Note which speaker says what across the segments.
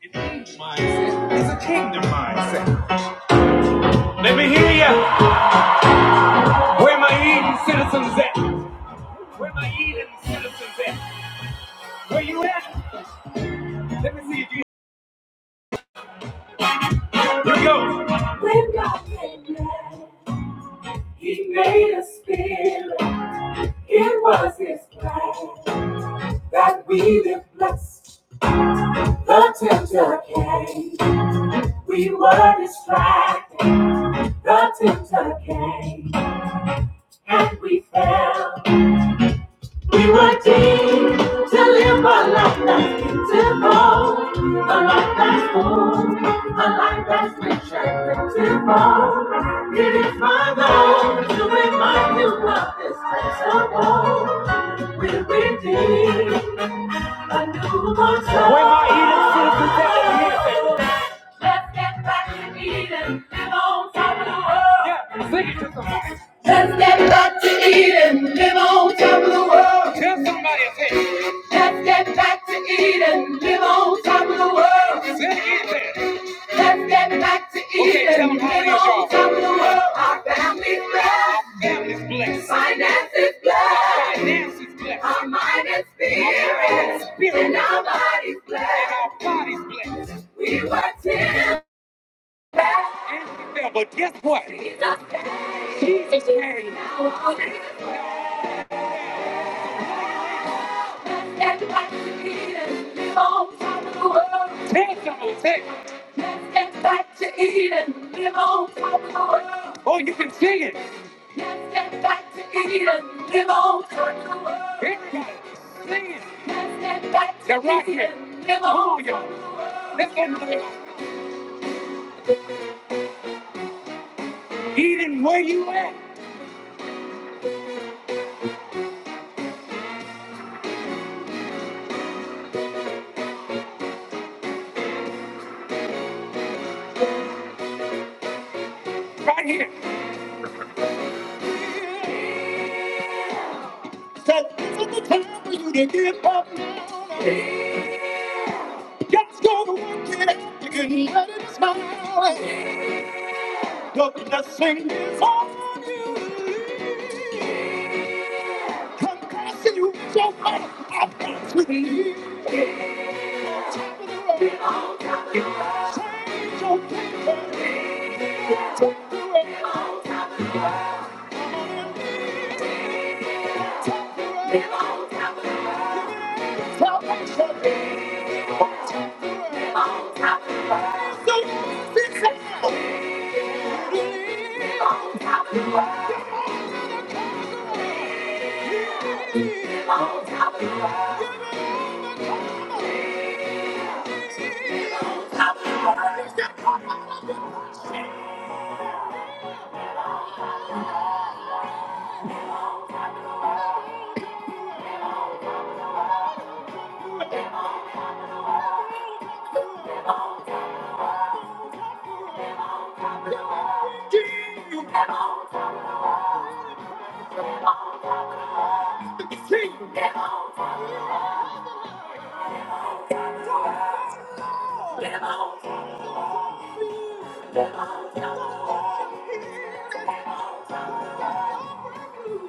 Speaker 1: An age mindset is a kingdom mindset. Let me hear ya. Where my Eden citizens at? Where my Eden citizens at? Where you at? Let me see if you. Here we go. When God made man, He made a spirit. It was His plan that we live blessed. The tempter came. We were distracted. The tempter came, and we fell. We were deemed to live a life that's beautiful, a life that's full, a life that's rich and plentiful. It is my goal to remind you of this principle. We We're redeemed a new mortal. Where my Eden citizens at in Let's get back to Eden, live on top of the world. Yeah, sing it to somebody. Let's get back to Eden, live on top of the world. Tell somebody it's here. Let's get back to Eden, live on top of the world. Sing it again. Let's get back to Eden. Okay, tell 'em how it is, y'all. Top of the world, our family's blessed. Our family's blessed. Finance is blessed. Our Finance is blessed. Our mind and spirit. Our spirit. And our body's blessed. And our body's blessed. We were ten. But guess what? Jesus, Jesus, Jesus. Let's get back to Eden. Live on top of the world. Take it, take it. Let's get back to Eden. Live on top of the world. Oh, you can sing it. Let's get back to Eden. Live on top of the world. Everybody, sing it. Let's get back to Now rock it. Eden. Live on Come on y'all. top of the world. Let's get back to Eden. Where you at? Right here. So this is the time for you to give up now. Just go to work it. You can let it smile. The blessing is on you. Confessing you so much. I've got to leave the way. Change your picture. Take the way. Come on and take the way. Tell them to take the way. So this is how to live. Give it all the time. It's the power of the Lord.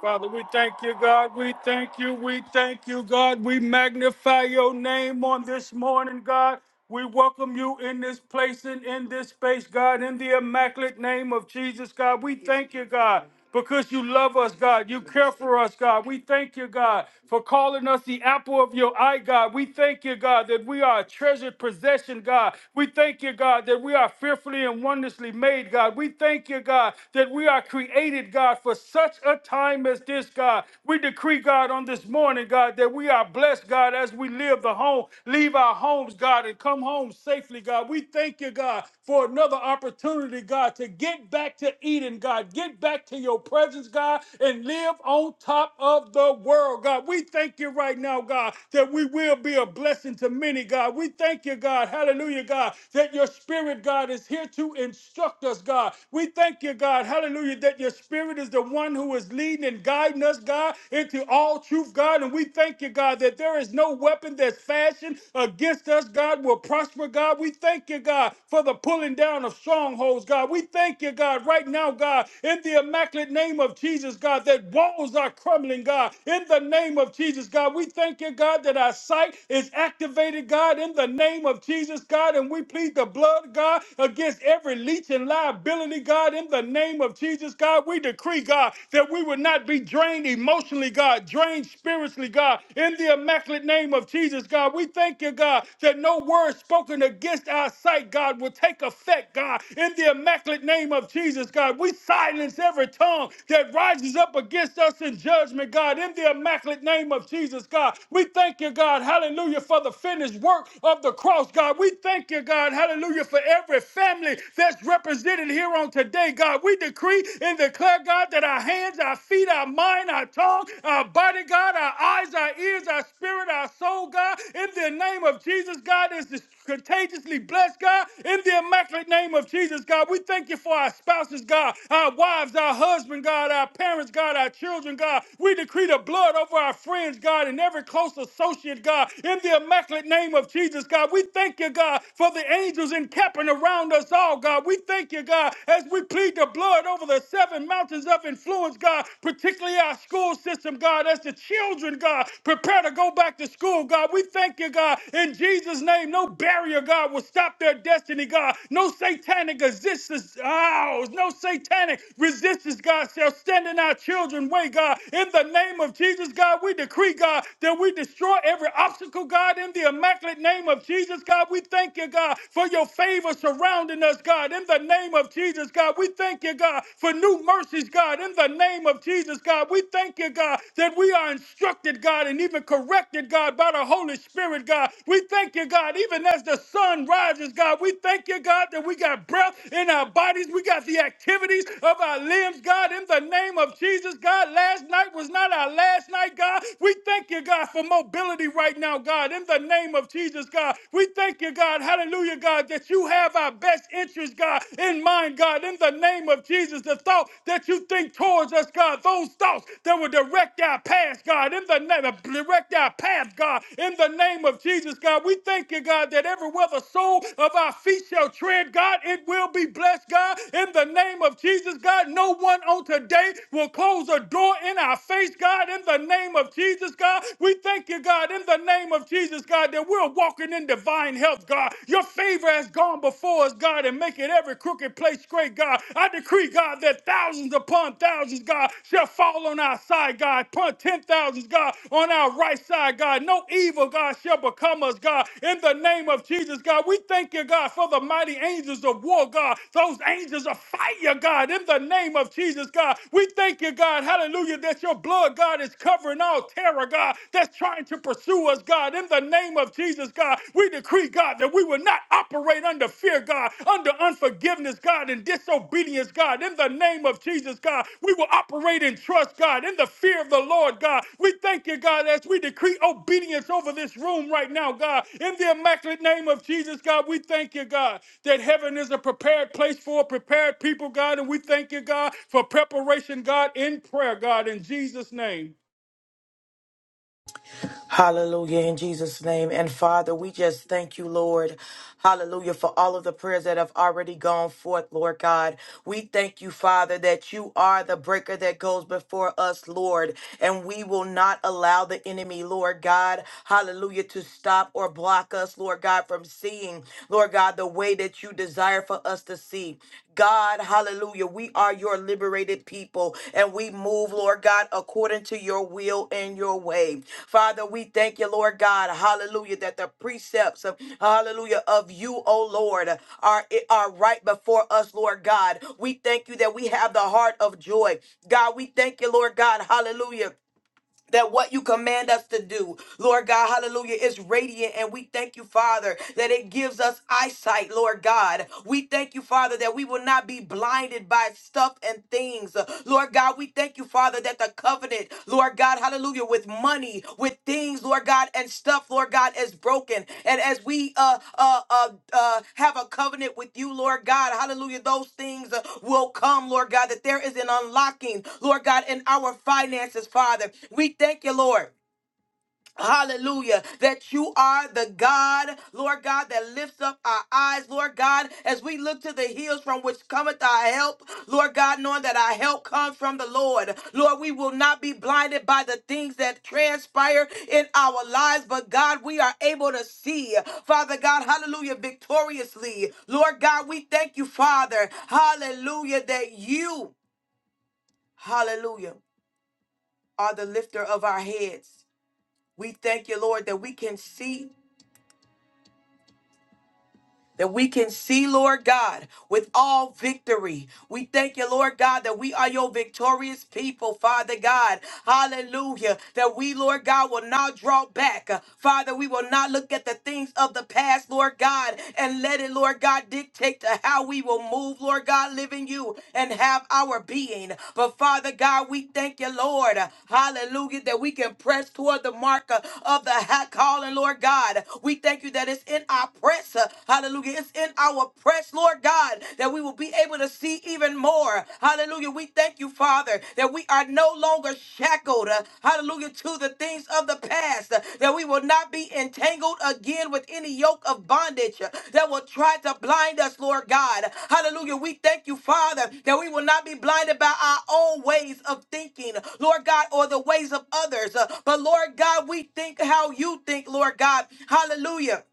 Speaker 1: Father, we thank you, God. We thank you. We thank you, God. We magnify your name on this morning, God. We welcome you in this place and in this space, God, in the immaculate name of Jesus, God. We thank you, God, because you love us, God. You care for us, God. We thank you, God, for calling us the apple of your eye, God. We thank you, God, that we are a treasured possession, God. We thank you, God, that we are fearfully and wonderfully made, God. We thank you, God, that we are created, God God, for such a time as this, God. We decree, God, on this morning, God, that we are blessed, God, as we live the home, leave our homes, God, and come home safely, God. We thank you, God, for another opportunity, God, to get back to Eden, God, get back to your presence, God, and live on top of the world, God. We thank you right now, God, that we will be a blessing to many, God. We thank you, God, hallelujah, God, that your spirit, God, is here to instruct us, God. We thank you, God, God. Hallelujah. That your spirit is the one who is leading and guiding us, God, into all truth, God. And we thank you, God, that there is no weapon that's fashioned against us, God, will prosper, God. We thank you, God, for the pulling down of strongholds, God. We thank you, God, right now, God, in the immaculate name of Jesus, God, that walls are crumbling, God. In the name of Jesus, God, we thank you, God, that our sight is activated, God, in the name of Jesus, God. And we plead the blood, God, against every leech and liability ability, God, in the name of Jesus, God. We decree, God, that we would not be drained emotionally, God, drained spiritually, God, in the immaculate name of Jesus, God. We thank you, God, that no word spoken against our sight, God, will take effect, God, in the immaculate name of Jesus, God. We silence every tongue that rises up against us in judgment, God, in the immaculate name of Jesus, God. We thank you, God, hallelujah, for the finished work of the cross, God. We thank you, God, hallelujah, for every family family that's represented here on today, God. We decree and declare, God, that our hands, our feet, our mind, our tongue, our body, God, our eyes, our ears, our spirit, our soul, God, in the name of Jesus, God, is this contagiously blessed, God, in the immaculate name of Jesus, God. We thank you for our spouses, God, our wives, our husband, God, our parents, God, our children, God. We decree the blood over our friends, God, and every close associate, God, in the immaculate name of Jesus, God. We thank you, God, for the angels angels encamping around us all, God. We thank you, God, as we plead the blood over the seven mountains of influence, God, particularly our school system, God, as the children, God, prepare to go back to school, God. We thank you, God, in Jesus' name. No barrier, God, will stop their destiny, God. No satanic resistance, oh, no satanic resistance, God, shall stand in our children's way, God. In the name of Jesus, God, we decree, God, that we destroy every obstacle, God, in the immaculate name of Jesus. God. We thank you, God, for your favor surrounding us, God. In the name of Jesus, God, we thank you, God, for new mercies, God. In the name of Jesus, God, we thank you, God, that we are instructed, God, and even corrected, God, by the Holy Spirit, God. We thank you, God, even as the sun rises, God. We thank you, God, that we got breath in our bodies. We got the activities of our limbs, God. In the name of Jesus, God, last night was not our last night, God. We thank you, God, for mobility right now, God. In the name name of Jesus, God. We thank you, God. Hallelujah, God, that you have our best interest, God, in mind, God, in the name of Jesus. The thought that you think towards us, God, those thoughts that will direct our path, God, in the name, direct our path, God, in the name of Jesus, God. We thank you, God, that everywhere the sole of our feet shall tread, God, it will be blessed, God, in the name of Jesus, God. No one on today will close a door in our face, God, in the name of Jesus, God. We thank you, God, in in the name of Jesus, God, that we're walking in divine health, God. Your favor has gone before us, God, and making every crooked place straight, God. I decree, God, that thousands upon thousands, God, shall fall on our side, God. Upon ten thousands, God, on our right side, God. No evil, God, shall become us, God. In the name of Jesus, God, we thank you, God, for the mighty angels of war, God. Those angels of fire, God. In the name of Jesus, God, we thank you, God. Hallelujah, that your blood, God, is covering all terror, God. God, that's trying to pursue us, God. In the name of Jesus, God, we decree, God, that we will not operate under fear, God, under unforgiveness, God, and disobedience, God. In the name of Jesus, God, we will operate in trust, God, in the fear of the Lord, God. We thank you, God, as we decree obedience over this room right now, God. In the immaculate name of Jesus, God, we thank you, God, that heaven is a prepared place for a prepared people, God. And we thank you, God, for preparation, God, in prayer, God, in Jesus' name.
Speaker 2: Hallelujah in Jesus' name. And Father, we just thank you, Lord. Hallelujah for all of the prayers that have already gone forth, Lord God. We thank you, Father, that you are the breaker that goes before us, Lord. And we will not allow the enemy, Lord God, hallelujah, to stop or block us, Lord God, from seeing, Lord God, the way that you desire for us us to see. God, hallelujah. We are your liberated people and we move, Lord God, according to your will and your way. Father, we thank you, Lord God, hallelujah, that the precepts, of, hallelujah, of you, O Lord, are, are right before us, Lord God. We thank you that we have the heart of joy. God, we thank you, Lord God, hallelujah that what you command us to do, Lord God, hallelujah, is radiant. And we thank you, Father, that it gives us eyesight, Lord God. We thank you, Father, that we will not be blinded by stuff and things. Lord God, we thank you, Father, that the covenant, Lord God, hallelujah, with with money, with things, Lord God, and stuff, Lord God, is broken. And as we uh, uh, uh, uh, have a covenant with you, Lord God, hallelujah, those things uh, will come, Lord God, that there is an unlocking, Lord God, in our finances, Father. We thank you, Lord. Hallelujah. That you are the God, Lord God, that lifts up our eyes, Lord God, as we look to the hills from which cometh our help, Lord God, knowing that our help comes from the Lord. Lord, we will not be blinded by the things that transpire in our lives, but God, we are able to see, Father God, hallelujah, victoriously. Lord God, we thank you, Father, hallelujah, that you, hallelujah, are the lifter of our heads. We thank you, Lord, that we can see. that we can see, Lord God, with all victory. We thank you, Lord God, that we are your victorious people, Father God. Hallelujah. That we, Lord God, will not draw back. Father, we will not look at the things of the past, Lord God, and let it, Lord God, dictate to how we will move, Lord God, live in you and have our being. But Father God, we thank you, Lord. Hallelujah. That we can press toward the mark of the high calling, Lord God. We thank you that it's in our prayer press. uh, Hallelujah. It's in our press, Lord God, that we will be able to see even more. Hallelujah. We thank you, Father, that we are no longer shackled. uh, Hallelujah. To the things of the past, uh, that we will not be entangled again with any yoke of bondage uh, that will try to blind us, Lord God. Hallelujah. We thank you, Father, that we will not be blinded by our own ways of thinking, Lord God, or the ways of others. Uh, But, Lord God, we think how you think, Lord God. Hallelujah.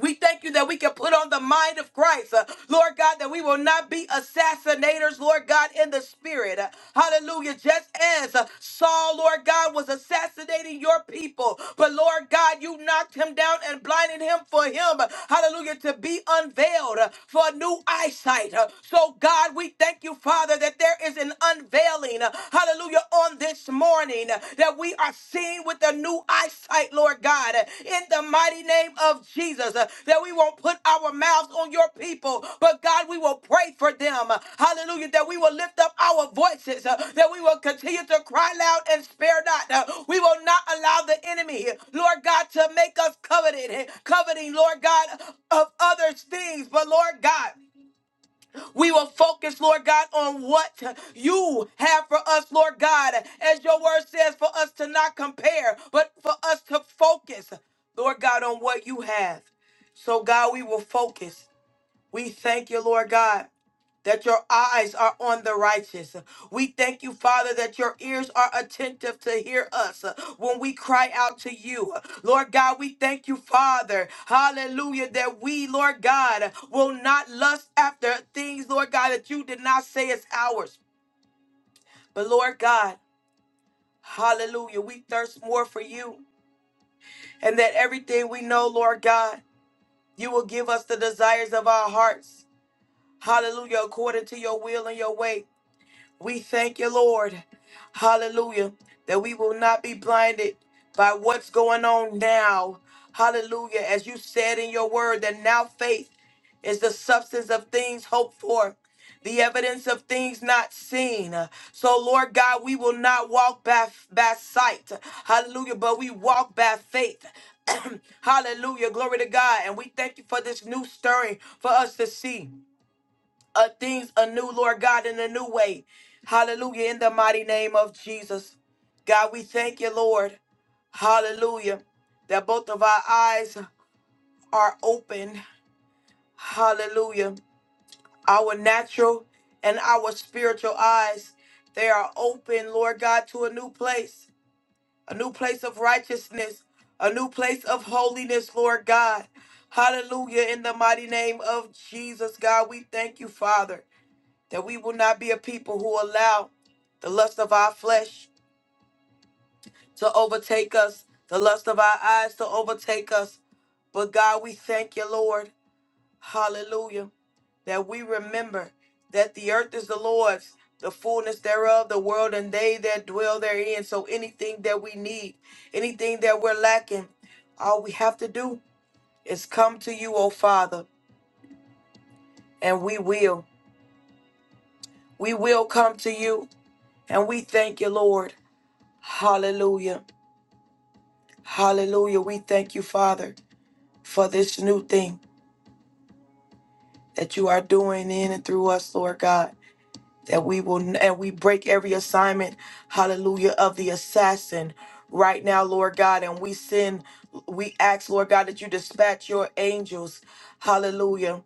Speaker 2: We thank you that we can put on the mind of Christ, uh, Lord God, that we will not be assassinators, Lord God, in the spirit. Uh, hallelujah. Just as uh, Saul, Lord God, was assassinating your people, but Lord God, you knocked him down and blinded him for him, uh, hallelujah, to be unveiled uh, for new eyesight. Uh, so, God, we thank you, Father, that there is an unveiling, uh, hallelujah, on this this morning uh, that we are seeing with a new eyesight, Lord God, uh, in the mighty name of Jesus, uh, that we won't put our mouths on your people, but God, we will pray for them. uh, Hallelujah. That we will lift up our voices, uh, that we will continue to cry loud and spare not. uh, We will not allow the enemy, Lord God, to make us coveted, coveting, Lord God, of others' things. But Lord God, we will focus, Lord God, on what you have for us, Lord God. As your word says, for us to not compare, but for us to focus, Lord God, on what you have. So, God, we will focus. We thank you, Lord God. That your eyes are on the righteous. We thank you, Father, that your ears are attentive to hear us uh, when we cry out to you. Lord God, we thank you, Father. Hallelujah, that we, Lord God, will not lust after things, Lord God, that you did not say is ours. But Lord God, hallelujah, we thirst more for you. And that everything we know, Lord God, you will give us the desires of our hearts. Hallelujah, according to your will and your way. We thank you, Lord. Hallelujah. That we will not be blinded by what's going on now. Hallelujah. As you said in your word, that now faith is the substance of things hoped for, the evidence of things not seen. So, Lord God, we will not walk by, by sight. Hallelujah. But we walk by faith. Hallelujah. Glory to God. And we thank you for this new stirring for us to see uh, things anew, Lord God, in a new way. Hallelujah. In the mighty name of Jesus. God, we thank you, Lord. Hallelujah. That both of our eyes are open. Hallelujah. Our natural and our spiritual eyes, they are open, Lord God, to a new place, a new place of righteousness, a new place of holiness, Lord God. Hallelujah. In the mighty name of Jesus, God, we thank you, Father that we will not be a people who allow the lust of our flesh to overtake us, the lust of our eyes to overtake us. But God, we thank you, Lord. Hallelujah. That we remember that the earth is the Lord's, the fullness thereof, the world, and they that dwell therein. So anything that we need, anything that we're lacking, all we have to do is come to you, O Father, and we will. We will come to you, and we thank you, Lord. Hallelujah. Hallelujah. We thank you, Father, for this new thing that you are doing in and through us, Lord God. That we will and we break every assignment, hallelujah, of the assassin right now, Lord God. And we send, we ask, Lord God, that you dispatch your angels, hallelujah,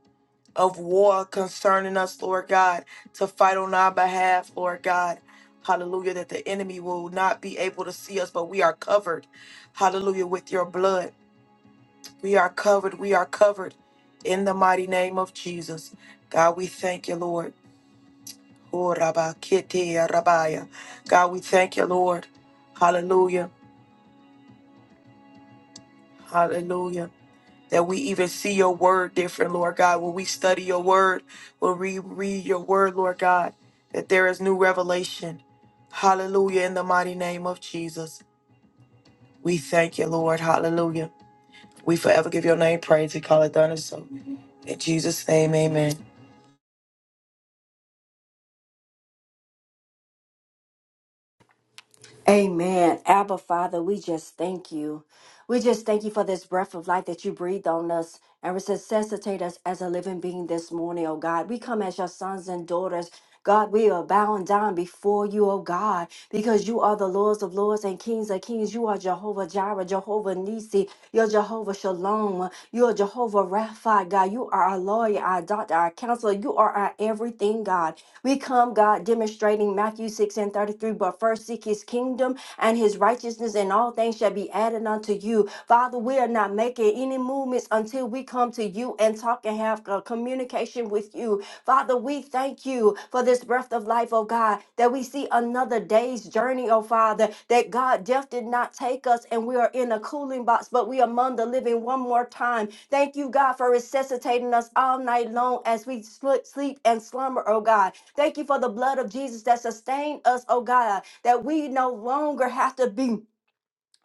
Speaker 2: of war concerning us, Lord God, to fight on our behalf, Lord God. Hallelujah, that the enemy will not be able to see us, but we are covered, hallelujah, with your blood. We are covered. We are covered in the mighty name of Jesus. God, we thank you, Lord. Oh, Rabba, Kitty, Rabbiah. God, we thank you, Lord. Hallelujah. Hallelujah. That we even see your word different, Lord God. When we study your word, when we read your word, Lord God, that there is new revelation. Hallelujah. In the mighty name of Jesus. We thank you, Lord. Hallelujah. We forever give your name praise. We call it done and so. In Jesus' name, amen.
Speaker 3: Amen. Abba, Father, we just thank you. We just thank you for this breath of life that you breathed on us and resuscitate us as a living being this morning, oh God. We come as your sons and daughters. God, we are bowing down before you, oh God, because you are the Lords of Lords and Kings of Kings. You are Jehovah Jireh, Jehovah Nisi. You're Jehovah Shalom. You are Jehovah Rapha, God. You are our lawyer, our doctor, our counselor. You are our everything, God. We come, God, demonstrating Matthew 6 and 33. But first seek his kingdom and his righteousness, and all things shall be added unto you. Father, we are not making any movements until we come to you and talk and walk and have a communication with you. Father, we thank you for this breath of life, oh God, that we see another day's journey, oh Father, that God, death did not take us and we are in a cooling box, but we are among the living one more time. Thank you, God, for resuscitating us all night long as we sl- sleep and slumber, oh God. Thank you for the blood of Jesus that sustained us, oh God, that we no longer have to be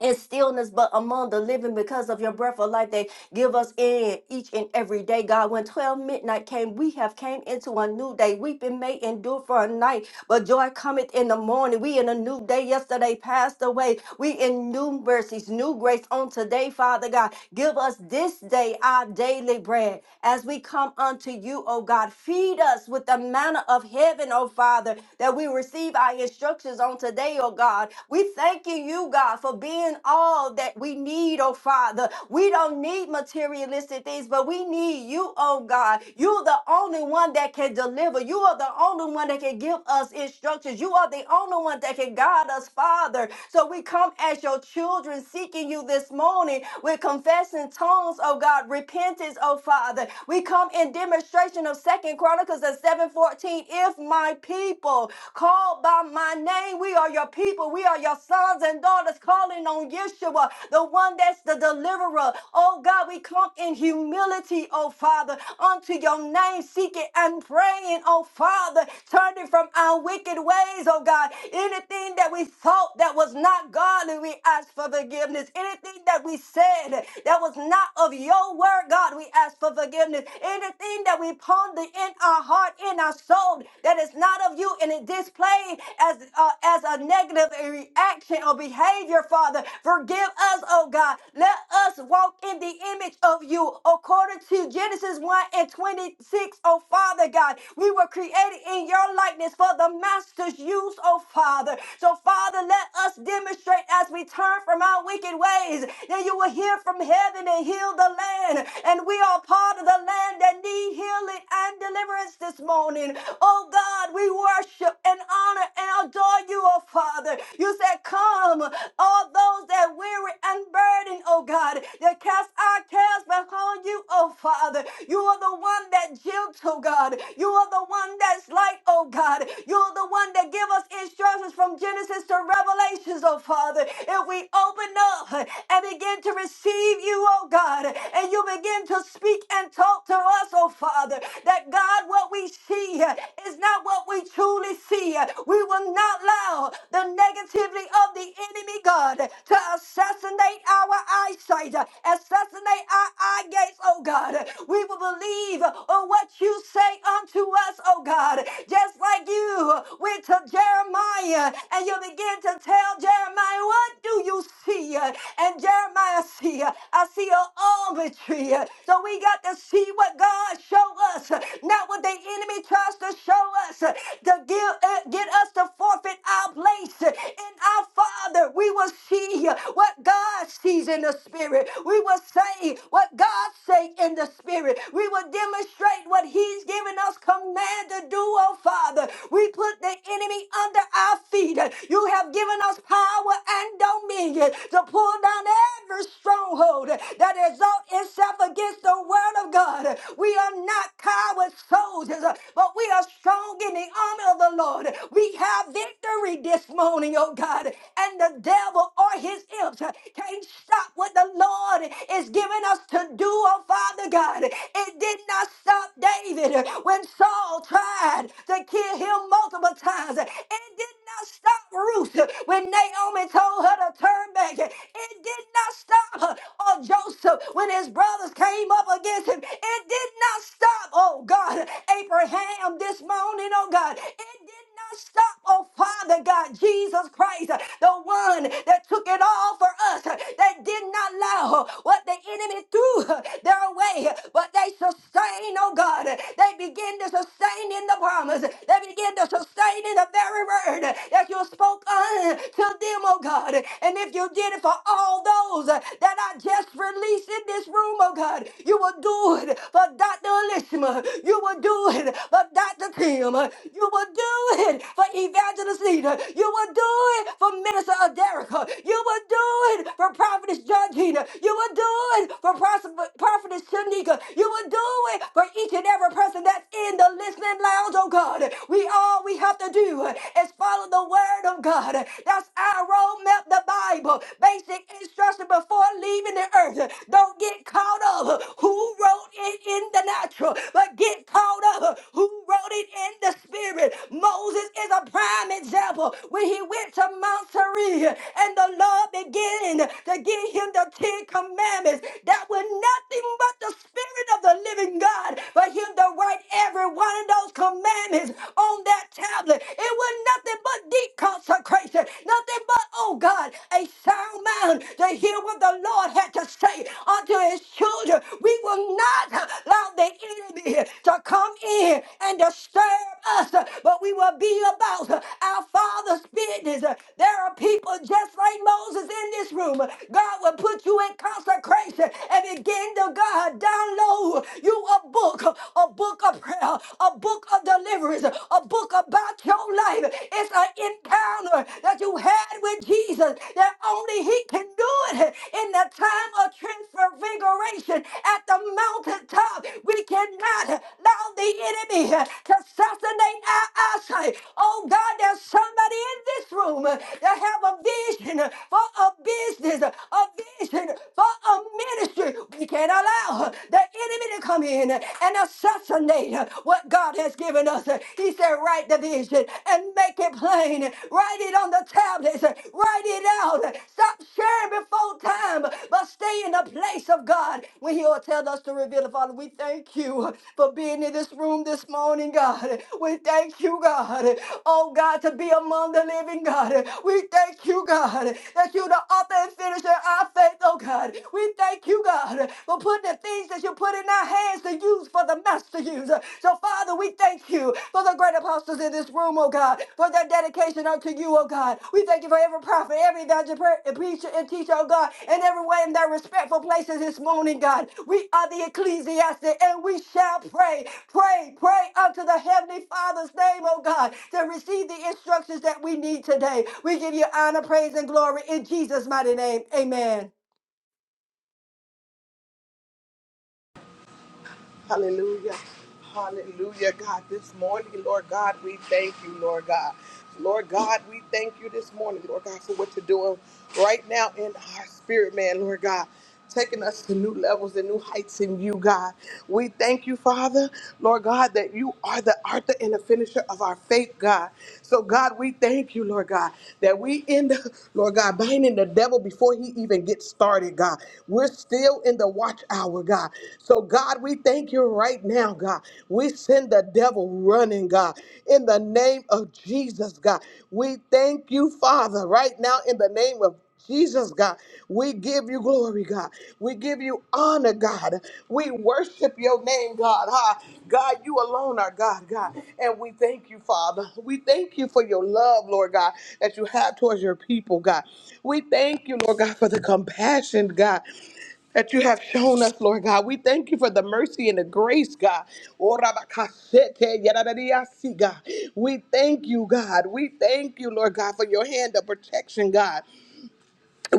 Speaker 3: and stillness, but among the living because of your breath of life they give us in each and every day. God, when 12 midnight came, we have came into a new day. Weeping may endure for a night, but joy cometh in the morning. We in a new day. Yesterday passed away. We in new mercies, new grace on today, Father God. Give us this day our daily bread as we come unto you, O God. Feed us with the manna of heaven, O Father, that we receive our instructions on today, O God. We thanking you, God, for being all that we need, O Father. We don't need materialistic things, but we need you, O God. You're the only one that can deliver. You are the only one that can can give us instructions. You are the only one that can guide us, Father. So we come as your children seeking you this morning with confessing tongues, oh God, repentance, oh Father. We come in demonstration of Second Chronicles of 7:14. If my people called by my name, we are your people. We are your sons and daughters calling on Yeshua, the one that's the deliverer. Oh God, we come in humility, oh Father, unto your name, seeking and praying, oh Father, Father, turning from our wicked ways, oh God. Anything that we thought that was not godly, we ask for forgiveness. Anything that we said that was not of your word, God, we ask for forgiveness. Anything that we ponder in our heart, in our soul, that is not of you and it displayed as, uh, as a negative reaction or behavior, Father, forgive us, oh God. Let us walk in the image of you according to Genesis 1 and 26, oh Father God. We were were created in your likeness for the master's use, oh Father. So, Father, let us demonstrate as we turn from our wicked ways that you will hear from heaven and heal the land. And we are part of the land that need healing and deliverance this morning. Oh God, we worship and honor and adore you, oh Father. You said, Come, all those that weary and burdened, oh God, that cast our cares upon you, oh Father. You are the one that jilted, oh God. You are the one that's light, oh God. You're the one that give us instructions from Genesis to Revelations, oh Father. If we open up and begin to receive you, oh God, and you begin to speak and talk to us, oh Father, that God, what we see is not what we truly see. We will not allow the negativity of the enemy, God, to assassinate our eyesight, assassinate our eye gates, oh God. We will believe on what you say unto us, oh God, just like you went to Jeremiah and you begin to tell Jeremiah, what do you see? And Jeremiah see, I see an almond tree. So we got to see what God show us, not what the enemy tries to show us to give, uh, get us to forfeit our place in our Father. We will see what God sees in the spirit. We will say what God say in the spirit. We will demonstrate celebrate what He's given us command to do, oh Father. We put the enemy under our feet. You have given us power and dominion to pull down every stronghold that exalt itself against the word of God. We are not coward soldiers, but we are strong in the army of the Lord. We have victory this morning, oh God, and the devil or his imps can't stop what the Lord is giving us to do, oh Father God. It didn't did not stop David when Saul tried to kill him multiple times. It did not stop Ruth when Naomi told her to turn back. It did not stop her or Joseph when his brothers came up against him. It did not stop, oh God, Abraham this morning, oh God. It did not stop, oh Father God, Jesus Christ, the one that took it all for us, that did not allow what the enemy threw their way, but they sustain, oh God. They begin to sustain in the promise. They begin to sustain in the very word that you spoke unto them, oh God. And if you did it for all those that I just released in this room, oh God, you will do it for Dr. Elishma. You will do it for Dr. Kim. You will do it for Evangelist Nita. You will do it for Minister Aderica. You will do it for Prophetess Georgina. You will do it for Pros- Prophetess Shanika. You will do it for each and every person that's in the listening lounge, oh God. We all we have to do is follow the word of God. That's our roadmap, the Bible. Basic instruction before leaving the earth. Don't get caught caught up who wrote it in the natural, but get caught up who wrote it in the spirit. Moses is a prime example when he went to Mount Sinai and the Lord began to give him the Ten Commandments that were nothing but the spirit of the living God for him to write every one of those commandments on that tablet. It was nothing but deep consecration, nothing but, oh God, a sign sound to hear what the Lord had to say unto his children. We will not allow the enemy to come in and disturb us, but we will be about our Father's business. There are people just like Moses in this room. God will put you in consecration and begin to God download you a book, a book of prayer, a book of deliverance, a book about your life. It's an that encounter that you had with Jesus, that only He can do it in the time of transfiguration at the mountaintop. We cannot allow the enemy to assassinate our eyesight. Oh God, there's somebody in this room that have a vision for a business, a vision for a ministry. We can't allow the enemy to come in and assassinate what God has has given us. He said, write the vision and make it plain. Write it on the tablets. Write it out. Stop sharing before time, but stay in the place of God when He will tell us to reveal it. Father, we thank you for being in this room this morning, God. We thank you, God. Oh, God, to be among the living, God. We thank you, God, that you're the author and finisher of our faith, oh, God. We thank you, God, for putting the things that you put in our hands to use for the master use. So, Father, we thank you for the great apostles in this room, oh God, for their dedication unto you, oh God. We thank you for every prophet, every evangelist, preacher, and teacher, oh God, and everyone in their respectful places this morning, God. We are the ecclesiastic and we shall pray, pray, pray unto the heavenly Father's name, oh God, to receive the instructions that we need today. We give you honor, praise, and glory in Jesus' mighty name. Amen.
Speaker 4: Hallelujah. Hallelujah, God. This morning, Lord God, we thank you, Lord God. Lord God, we thank you this morning, Lord God, for what you're doing right now in our spirit, man, Lord God. Taking us to new levels and new heights in you, God. We thank you, Father, Lord God, that you are the author and the finisher of our faith, God. So, God, we thank you, Lord God, that we end, Lord God, binding the devil before he even gets started, God. We're still in the watch hour, God. God. So, God, we thank you right now, God. We send the devil running, God, in the name of Jesus, God. We thank you, Father, right now, in the name of Jesus, God, we give you glory, God. We give you honor, God. We worship your name, God. Ha. God, you alone are God, God. And we thank you, Father. We thank you for your love, Lord God, that you have towards your people, God. We thank you, Lord God, for the compassion, God that you have shown us, Lord God. We thank you for the mercy and the grace, God. Oh, Rabakasete, yadadadiasi, God. We thank you, God. We thank you, Lord God, for your hand of protection, God.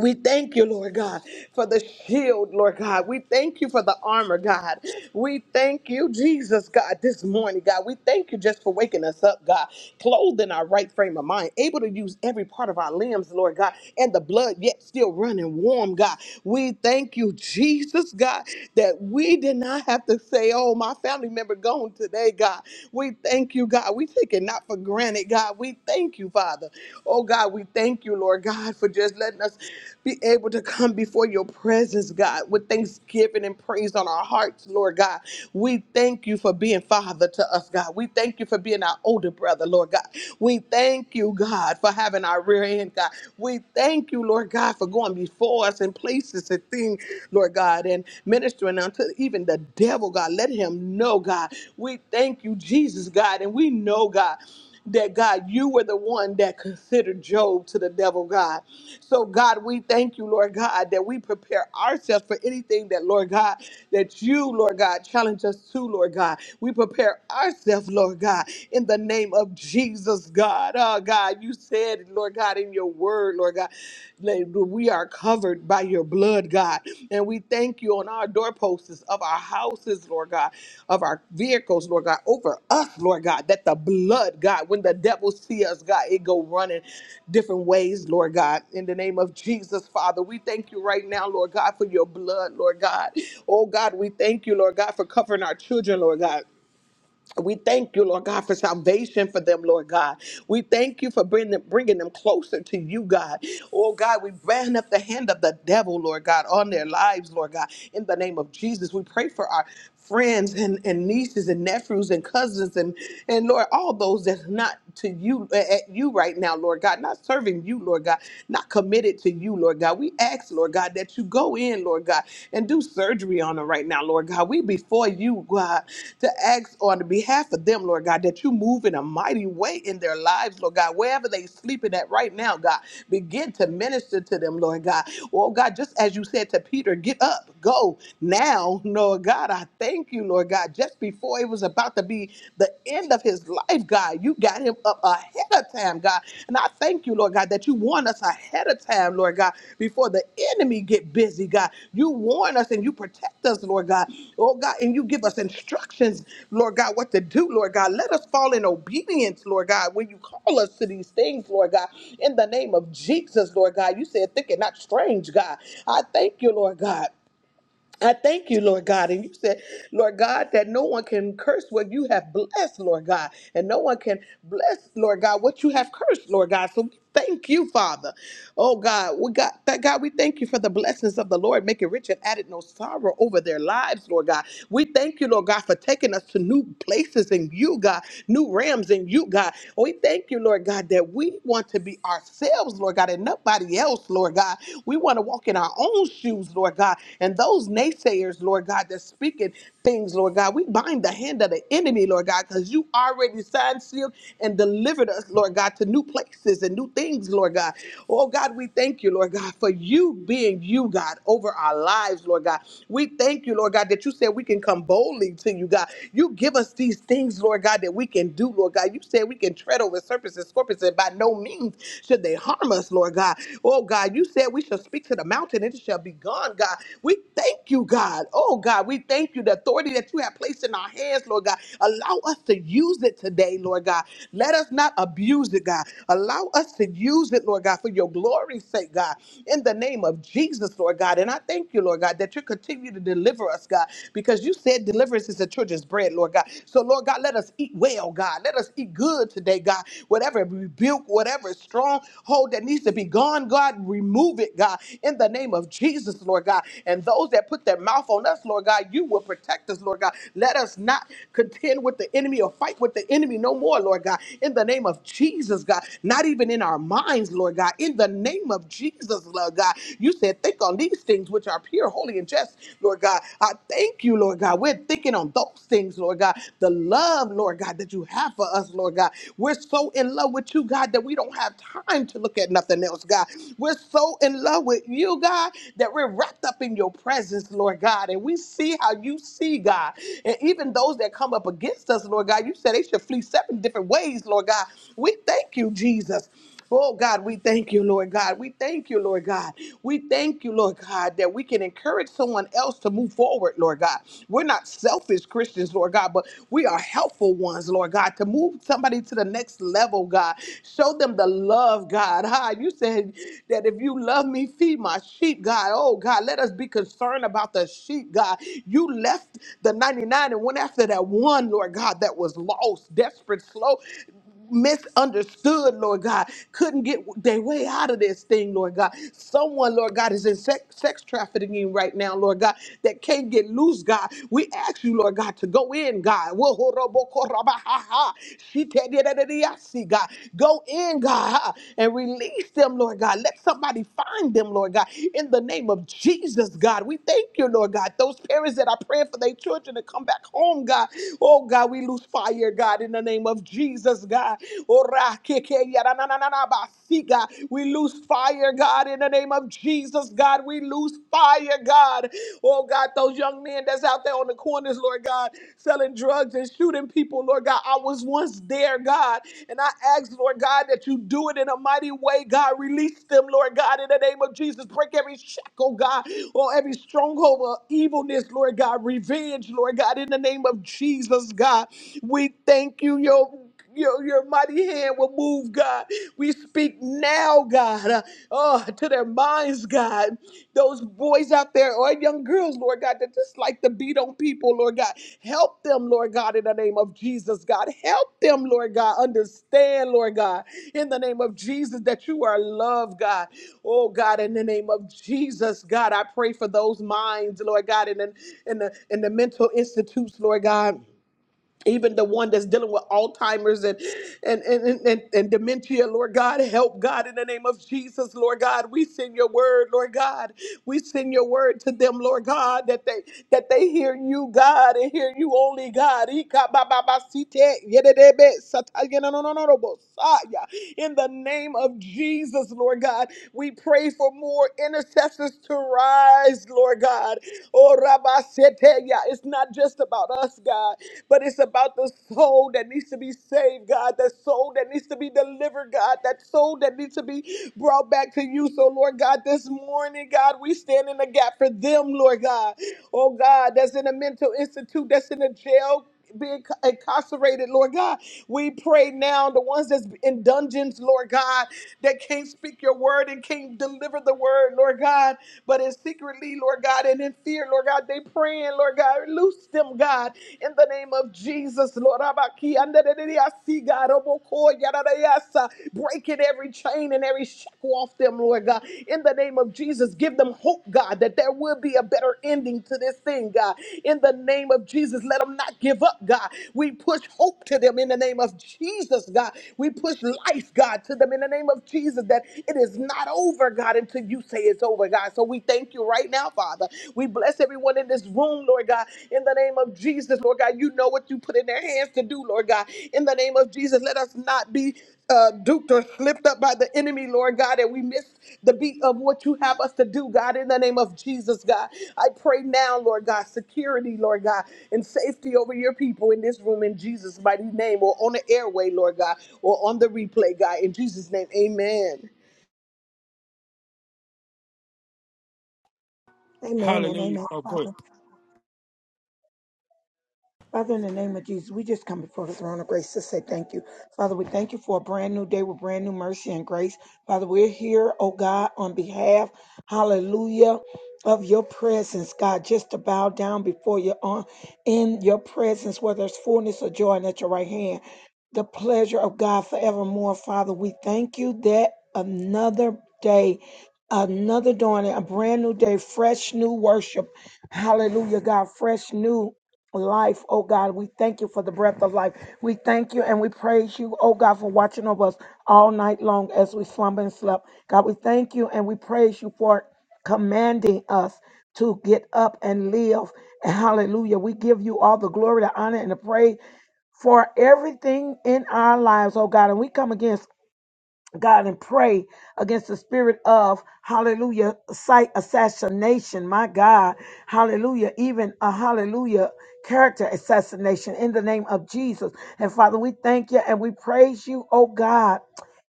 Speaker 4: We thank you, Lord God, for the shield, Lord God. We thank you for the armor, God. We thank you, Jesus, God, this morning, God. We thank you just for waking us up, God, clothed in our right frame of mind, able to use every part of our limbs, Lord God, and the blood yet still running warm, God. We thank you, Jesus, God, that we did not have to say, oh, my family member gone today, God. We thank you, God. We we take it not for granted, God. We thank you, Father. Oh, God, we thank you, Lord God, for just letting us be able to come before your presence, God, with thanksgiving and praise on our hearts, Lord God. We thank you for being Father to us, God. We thank you for being our older brother, Lord God. We thank you, God, for having our rear end, God. We thank you, Lord God, for going before us in places and things, Lord God. And ministering unto even the devil, God. Let him know, God. We thank you, Jesus, God. And we know, God, that God, you were the one that considered Job to the devil, God. So, God, we thank you, Lord God, that we prepare ourselves for anything that, Lord God, that you, Lord God, challenge us to, Lord God. We prepare ourselves, Lord God, in the name of Jesus, God. Oh, God, you said, Lord God. Lord God, in your word, Lord God. We are covered by your blood, God. And we thank you on our doorposts of our houses, Lord God, of our vehicles, Lord God, over us, Lord God, that the blood, God, when the devil see us, God, it go running different ways, Lord God. In the name of Jesus, Father, we thank you right now, Lord God, for your blood, Lord God. Oh God, we thank you, Lord God, for covering our children, Lord God. We thank you, Lord God, for salvation for them, Lord God. We thank you for bringing them, bringing them closer to you, God. Oh, God, we brand up the hand of the devil, Lord God, on their lives, Lord God. In the name of Jesus, we pray for our friends and, and nieces and nephews and cousins and, and Lord, all those that's not to you, at you right now, Lord God, not serving you, Lord God, not committed to you, Lord God. We ask, Lord. Lord God, that you go in, Lord God, and do surgery on them right now, Lord God. We before you, God, to ask on the behalf of them, Lord God, that you move in a mighty way in their lives, Lord God, wherever they sleeping at right now, God, begin to minister to them, Lord God. Oh God, just as you said to Peter, get up, go now, Lord God. I thank you, Lord God, just before it was about to be the end of his life, God. You got him up ahead of time, God. And I thank you, Lord God, that you warn us ahead of time, Lord God, before the enemy get busy, God. You warn us and you protect us, Lord God. Oh God, and you give us instructions, Lord God, what to do, Lord God. Let us fall in obedience, Lord God, when you call us to these things, Lord God. In the name of Jesus, Lord God, you said, think it not strange, God. I thank you, Lord God. I thank you, Lord God. And you said, Lord God, that no one can curse what you have blessed, Lord God. And no one can bless, Lord God, what you have cursed, Lord God. So we thank you, Father. Oh God, we got that God, we thank you for the blessings of the Lord, making rich and added no sorrow over their lives, Lord God. We thank you, Lord God, for taking us to new places in you, God, new realms in you, God. We thank you, Lord God, that we want to be ourselves, Lord God, and nobody else, Lord God. We want to walk in our own shoes, Lord God. And those naysayers, Lord God, that's speaking things, Lord God, we bind the hand of the enemy, Lord God, because you already signed, sealed, and delivered us, Lord God, to new places and new things, Lord God. Oh, God, we thank you, Lord God, for you being you, God, over our lives, Lord God. We thank you, Lord God, that you said we can come boldly to you, God. You give us these things, Lord God, that we can do, Lord God. You said we can tread over serpents and scorpions, and by no means should they harm us, Lord God? Oh God, you said we shall speak to the mountain and it shall be gone, God. We thank you, God. Oh God, we thank you. The authority that you have placed in our hands, Lord God. Allow us to use it today, Lord God. Let us not abuse it, God. Allow us to use it, Lord God, for your glory's sake, God. In the name of Jesus, Lord God. And I thank you, Lord God, that you continue to deliver us, God, because you said deliverance is the children's bread, Lord God. So, Lord God, let us eat well, God. Let us eat good today, God. Whatever rebuke, whatever stronghold that needs to be gone, God, remove it, God, in the name of Jesus, Lord God. And those that put their mouth on us, Lord God, you will protect us, Lord God. Let us not contend with the enemy or fight with the enemy no more, Lord God. In the name of Jesus, God, not even in our minds, Lord God. In the name of Jesus, Lord God, you said, think on these things which are pure, holy, and just, Lord God. I thank you, Lord God. We're thinking on those things things, Lord God. The love, Lord God, that you have for us, Lord God. We're so in love with you, God, that we don't have time to look at nothing else, God. We're so in love with you, God, that we're wrapped up in your presence, Lord God. And we see how you see, God. And even those that come up against us, Lord God, you said they should flee seven different ways, Lord God. We thank you, Jesus. Oh God, we thank you, Lord God. We thank you, Lord God. We thank you, Lord God, that we can encourage someone else to move forward, Lord God. We're not selfish Christians, Lord God, but we are helpful ones, Lord God, to move somebody to the next level, God. Show them the love, God. Ha, you said that if you love me, feed my sheep, God. Oh God, let us be concerned about the sheep, God. You left the 99 and went after that one, Lord God, that was lost, desperate, slow misunderstood, Lord God, couldn't get their way out of this thing, Lord God. Someone, Lord God, is in sex, sex trafficking right now, Lord God, that can't get loose, God. We ask you, Lord God, to go in, God. wo ho she God. Go in, God, and release them, Lord God. Let somebody find them, Lord God. In the name of Jesus, God, we thank you, Lord God. Those parents that are praying for their children to come back home, God. Oh, God, we lose fire, God, in the name name of Jesus, God. Ora keke yara na na na na ba si, God. We lose fire, God, in the name of Jesus, God. We lose fire, God. Oh, God, those young men that's out there on the corners, Lord God, selling drugs and shooting people, Lord God. I was once there, God. And I ask, Lord God, that you do it in a mighty way, God. Release them, Lord God, in the name of Jesus. Break every shackle, God, or every stronghold of evilness, Lord God. Revenge, Lord God, in the name of Jesus, God. We thank you, your, your, your mighty hand will move, God. We speak now, God, uh, oh, to their minds, God. Those boys out there or young girls, Lord God, that just like to beat on people, Lord God. Help them, Lord God, in the name of Jesus, God. Help them, Lord God, understand, Lord God, in the name of Jesus, that you are love, God. Oh God, in the name of Jesus, God, I pray for those minds, Lord God, in the in the in the mental institutes, Lord God even the one that's dealing with Alzheimer's and and, and, and, and dementia, Lord God, help God in the name of Jesus, Lord God. We send your word, Lord God. We send your word to them, Lord God, that they that they hear you, God, and hear you only, God. Ikabababasite, yededebe, sataya, no, no, no, no, no, bosaya. In the name of Jesus, Lord God, we pray for more intercessors to rise, Lord God. Oh, Rabaseteya. It's not just about us, God but it's about the soul that needs to be saved, God, that soul that needs to be delivered, God, that soul that needs to be brought back to you. So, Lord God, this morning, God, we stand in the gap for them, Lord God. Oh, God, that's in a mental institute, that's in a jail being incarcerated, Lord God. We pray now, the ones that's in dungeons, Lord God, that can't speak your word and can't deliver the word, Lord God, but is secretly, Lord God, and in fear, Lord God, they praying, Lord God, loose them, God, in the name of Jesus, Lord. Abaki, andadadidi, I see God, Oboko, yadadayasa, breaking every chain and every shackle off them them, Lord God. In the name of Jesus, give them hope, God, that there will be a better ending to this thing, God. In the name of Jesus, let them not give up, God. We push hope to them in the name of Jesus, God. We push life, God, to them in the name of Jesus, that it is not over, God, until you say it's over, God. So we thank you right now, Father. We bless everyone in this room, Lord God. In the name of Jesus, Lord God, you know what you put in their hands to do, Lord God. In the name of Jesus, let us not be uh, duped or slipped up by the enemy, Lord God, and we missed the beat of what you have us to do, God, in the name of Jesus, God. I pray now, Lord God, security, Lord God, and safety over your people in this room in Jesus' mighty name, or on the airway, Lord God, or on the replay, God, in Jesus' name, amen.
Speaker 5: Amen and
Speaker 1: Hallelujah.
Speaker 5: amen.
Speaker 1: Oh,
Speaker 5: Father,
Speaker 1: good.
Speaker 5: Father, in the name of Jesus, we just come before the throne of grace to say thank you. Father, we thank you for a brand new day with brand new mercy and grace. Father, we're here, oh God, on behalf, hallelujah, of your presence, God, just to bow down before you on in your presence, where there's fullness of joy and at your right hand. The pleasure of God forevermore, Father. We thank you that another day, another dawn, a brand new day, fresh new worship. Hallelujah, God, fresh new life, oh God. We thank you for the breath of life. We thank you and we praise you, oh God, for watching over us all night long as we slumber and slept. God, we thank you and we praise you for commanding us to get up and live. Hallelujah. We give you all the glory, the honor, and the praise for everything in our lives, oh God. And we come against God and pray against the spirit of hallelujah sight assassination my God hallelujah even a hallelujah character assassination in the name of Jesus and Father we thank you and we praise you oh God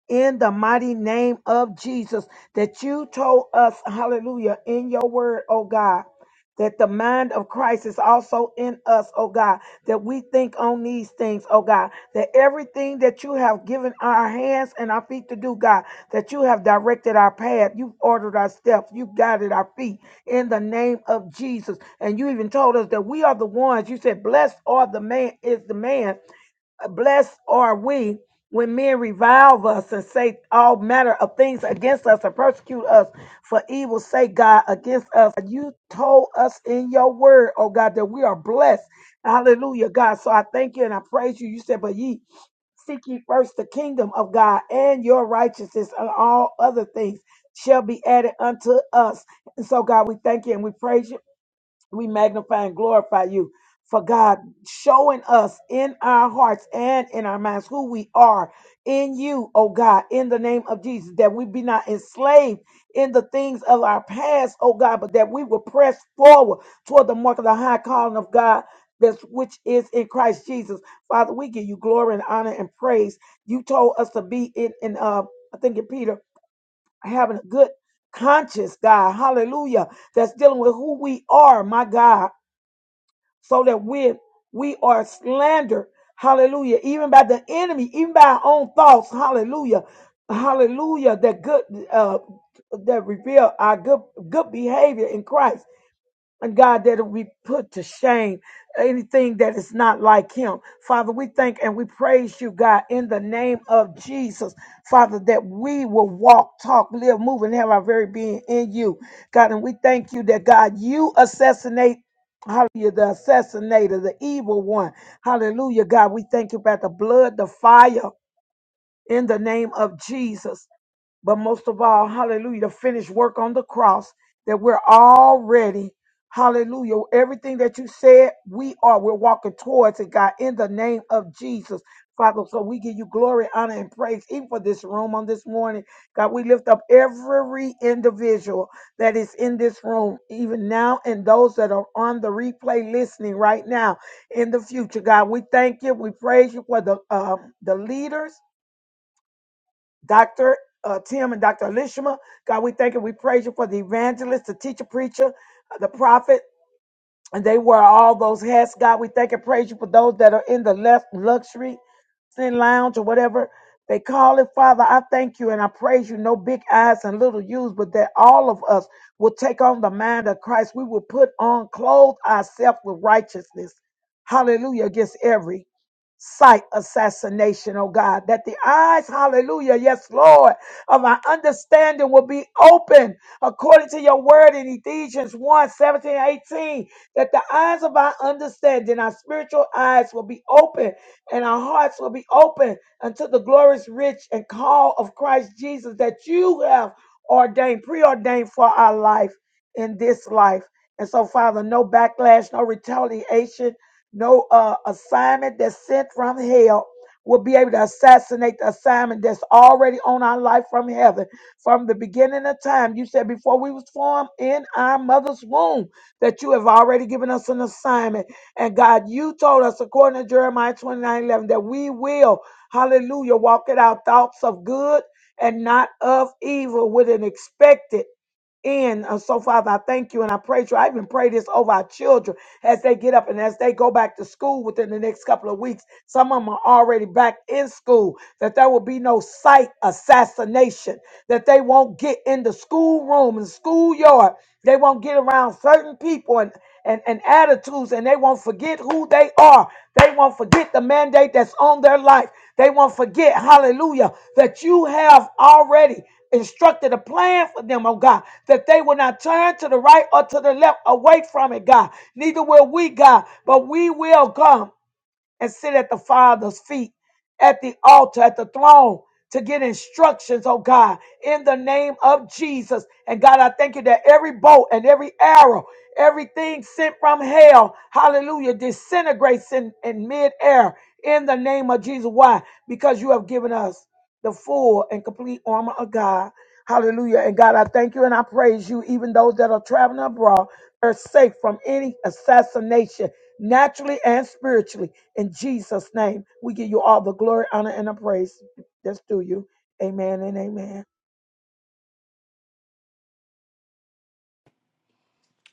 Speaker 5: in the mighty name of Jesus that you told us, hallelujah, in your word, oh God. That the mind of Christ is also in us, oh God, that we think on these things, oh God, that everything that you have given our hands and our feet to do, God, that you have directed our path, you've ordered our steps, you've guided our feet in the name of Jesus. And you even told us that we are the ones, you said, blessed are the man, is the man Blessed are we when men revile us and say all manner of things against us and persecute us for evil's sake. God against us. You told us in your word, oh God, that we are blessed. Hallelujah, God. So I thank you and I praise you. You said, but ye seek ye first the kingdom of God and your righteousness and all other things shall be added unto us. And so God, we thank you and we praise you we magnify and glorify you for God showing us in our hearts and in our minds who we are in you, oh God, in the name of Jesus, that we be not enslaved in the things of our past, oh God, but that we will press forward toward the mark of the high calling of God. That's which is in Christ Jesus. Father, we give you glory and honor and praise. You told us to be in, in uh, I think in Peter, having a good conscience, God. Hallelujah. That's dealing with who we are, my God so that when we are slandered, hallelujah, even by the enemy, even by our own thoughts, hallelujah, hallelujah, that good uh that reveal our good good behavior in Christ. And God, that we put to shame anything that is not like him. Father, we thank and we praise you, God, in the name of Jesus. Father, that we will walk, talk, live, move, and have our very being in you. God, and we thank you that, God, you assassinate. Hallelujah, the assassinator, the evil one. Hallelujah, God. We thank you about the blood, the fire in the name of Jesus but most of all, hallelujah, the finished work on the cross that we're already, hallelujah, everything that you said, we are, we're walking towards it, God, in the name of Jesus. Father, so we give you glory, honor, and praise, even for this room on this morning. God, we lift up every individual that is in this room, even now, and those that are on the replay listening right now in the future. God, we thank you. We praise you for the um, the leaders Dr. Uh, Tim and Dr. Elishma. God, we thank you. We praise you for the evangelist, the teacher, preacher, uh, the prophet. And they wear all those hats. God, we thank and praise you for those that are in the left luxury sin lounge or whatever they call it. Father, I thank you and I praise you. No big eyes and little U's, but that all of us will take on the mind of Christ. We will put on, clothe ourselves with righteousness. Hallelujah. Against every sight assassination, oh God, that the eyes, hallelujah, yes, Lord, of our understanding will be open according to your word in Ephesians one 17 18 that the eyes of our understanding, our spiritual eyes will be open and our hearts will be open unto the glorious rich and call of Christ Jesus that you have ordained, preordained for our life in this life. And so, Father, no backlash, no retaliation, no uh, assignment that's sent from hell will be able to assassinate the assignment that's already on our life from heaven. From the beginning of time, you said before we was formed in our mother's womb, that you have already given us an assignment. And God, you told us, according to Jeremiah 29 11 that we will, hallelujah, walk in our thoughts of good and not of evil with an expected in. And uh, so, Father, I thank you and I praise you. I even pray this over our children as they get up and as they go back to school within the next couple of weeks. Some of them are already back in school, that there will be no sight assassination, that they won't get in the schoolroom and schoolyard. They won't get around certain people and, and, and attitudes, and they won't forget who they are. They won't forget the mandate that's on their life. They won't forget, hallelujah, that you have already instructed a plan for them, oh God that they will not turn to the right or to the left away from it, God. Neither will we, God, but we will come and sit at the Father's feet, at the altar, at the throne to get instructions, oh God, in the name of Jesus. And God, I thank you that every bolt and every arrow, everything sent from hell, hallelujah, disintegrates in, in midair in the name of Jesus. Why? Because you have given us the full and complete armor of God. Hallelujah. And God, I thank you and I praise you. Even those that are traveling abroad are safe from any assassination, naturally and spiritually. In Jesus' name, we give you all the glory, honor, and the praise that's due you. Amen and amen.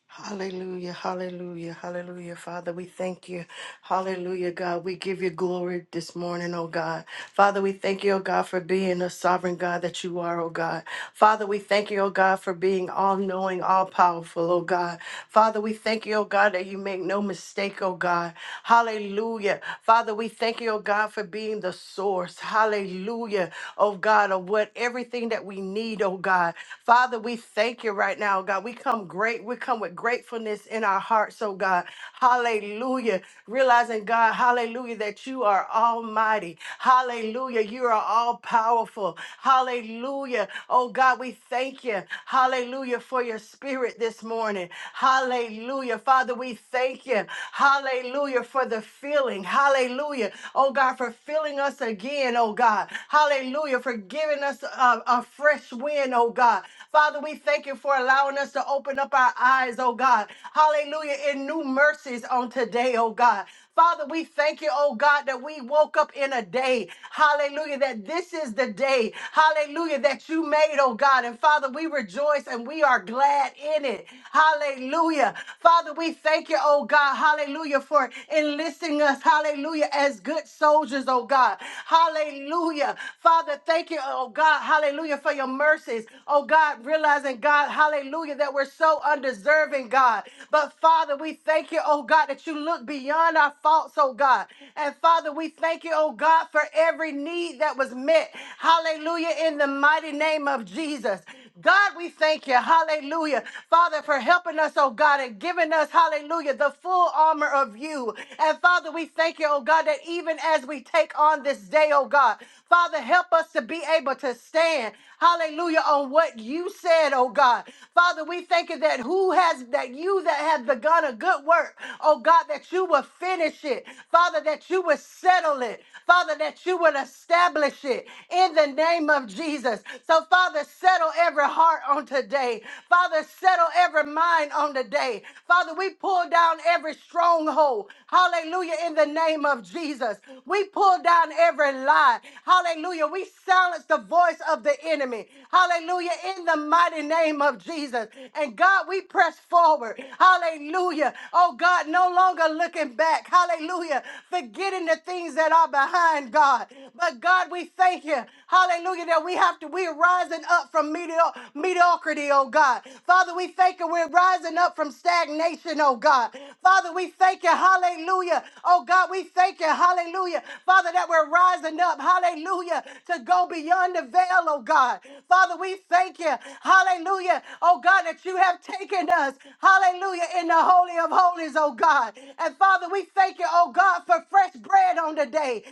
Speaker 6: Hallelujah, hallelujah, hallelujah. Father, we thank you. Hallelujah, God. We give you glory this morning, oh God. Father, we thank you, oh God, for being a sovereign God that you are, oh God. Father, we thank you, oh God, for being all knowing, all powerful, oh God. Father, we thank you, oh God, that you make no mistake, oh God. Hallelujah. Father, we thank you, oh God, for being the source. Hallelujah, oh God, of what everything that we need, oh God. Father, we thank you right now, God. We come great. We come with gratefulness in our hearts, oh God. Hallelujah hallelujah. Realizing, God, hallelujah, that you are almighty, hallelujah, you are all powerful, hallelujah. Oh, God, we thank you, hallelujah, for your spirit this morning, hallelujah. Father, we thank you, hallelujah, for the filling, hallelujah, oh, God, for filling us again, oh, God, hallelujah, for giving us a, a fresh wind, oh, God. Father, we thank you for allowing us to open up our eyes, oh God. Hallelujah. In new mercies mercies on today, oh God. Father, we thank you, oh God, that we woke up in a day, hallelujah, that this is the day, hallelujah, that you made, oh God. And Father, we rejoice and we are glad in it, hallelujah. Father, we thank you, oh God, hallelujah, for enlisting us, hallelujah, as good soldiers, oh God, hallelujah. Father, thank you, oh God, hallelujah, for your mercies, oh God, realizing, God, hallelujah, that we're so undeserving, God. But Father, we we thank you, oh God, that you look beyond our faults, oh God. And Father, we thank you, oh God, for every need that was met. Hallelujah, in the mighty name of Jesus. God, we thank you, hallelujah, Father, for helping us, oh God, and giving us, hallelujah, the full armor of you. And Father, we thank you, oh God, that even as we take on this day, oh God, Father, help us to be able to stand, hallelujah, on what you said, oh God. Father, we thank you that who has, that you that have begun a good work, oh God, that you will finish it. Father, that you will settle it. Father, that you will establish it in the name of Jesus. So, Father, settle every heart on today. Father, settle every mind on today. Father, we pull down every stronghold. Hallelujah. In the name of Jesus, we pull down every lie. Hallelujah. We silence the voice of the enemy. Hallelujah. In the mighty name of Jesus. And God, we press forward forward. Hallelujah. Oh God, no longer looking back. Hallelujah. Forgetting the things that are behind God. But God, we thank you. Hallelujah. That we have to, we're rising up from medio- mediocrity, oh God. Father, we thank you. We're rising up from stagnation, oh God. Father, we thank you. Hallelujah. Oh God, we thank you. Hallelujah. Father, that we're rising up. Hallelujah. To go beyond the veil, oh God. Father, we thank you. Hallelujah. Oh God, that you have taken partaking us, hallelujah, in the Holy of Holies, oh God. And Father, we thank you, oh God, for fresh bread on the day.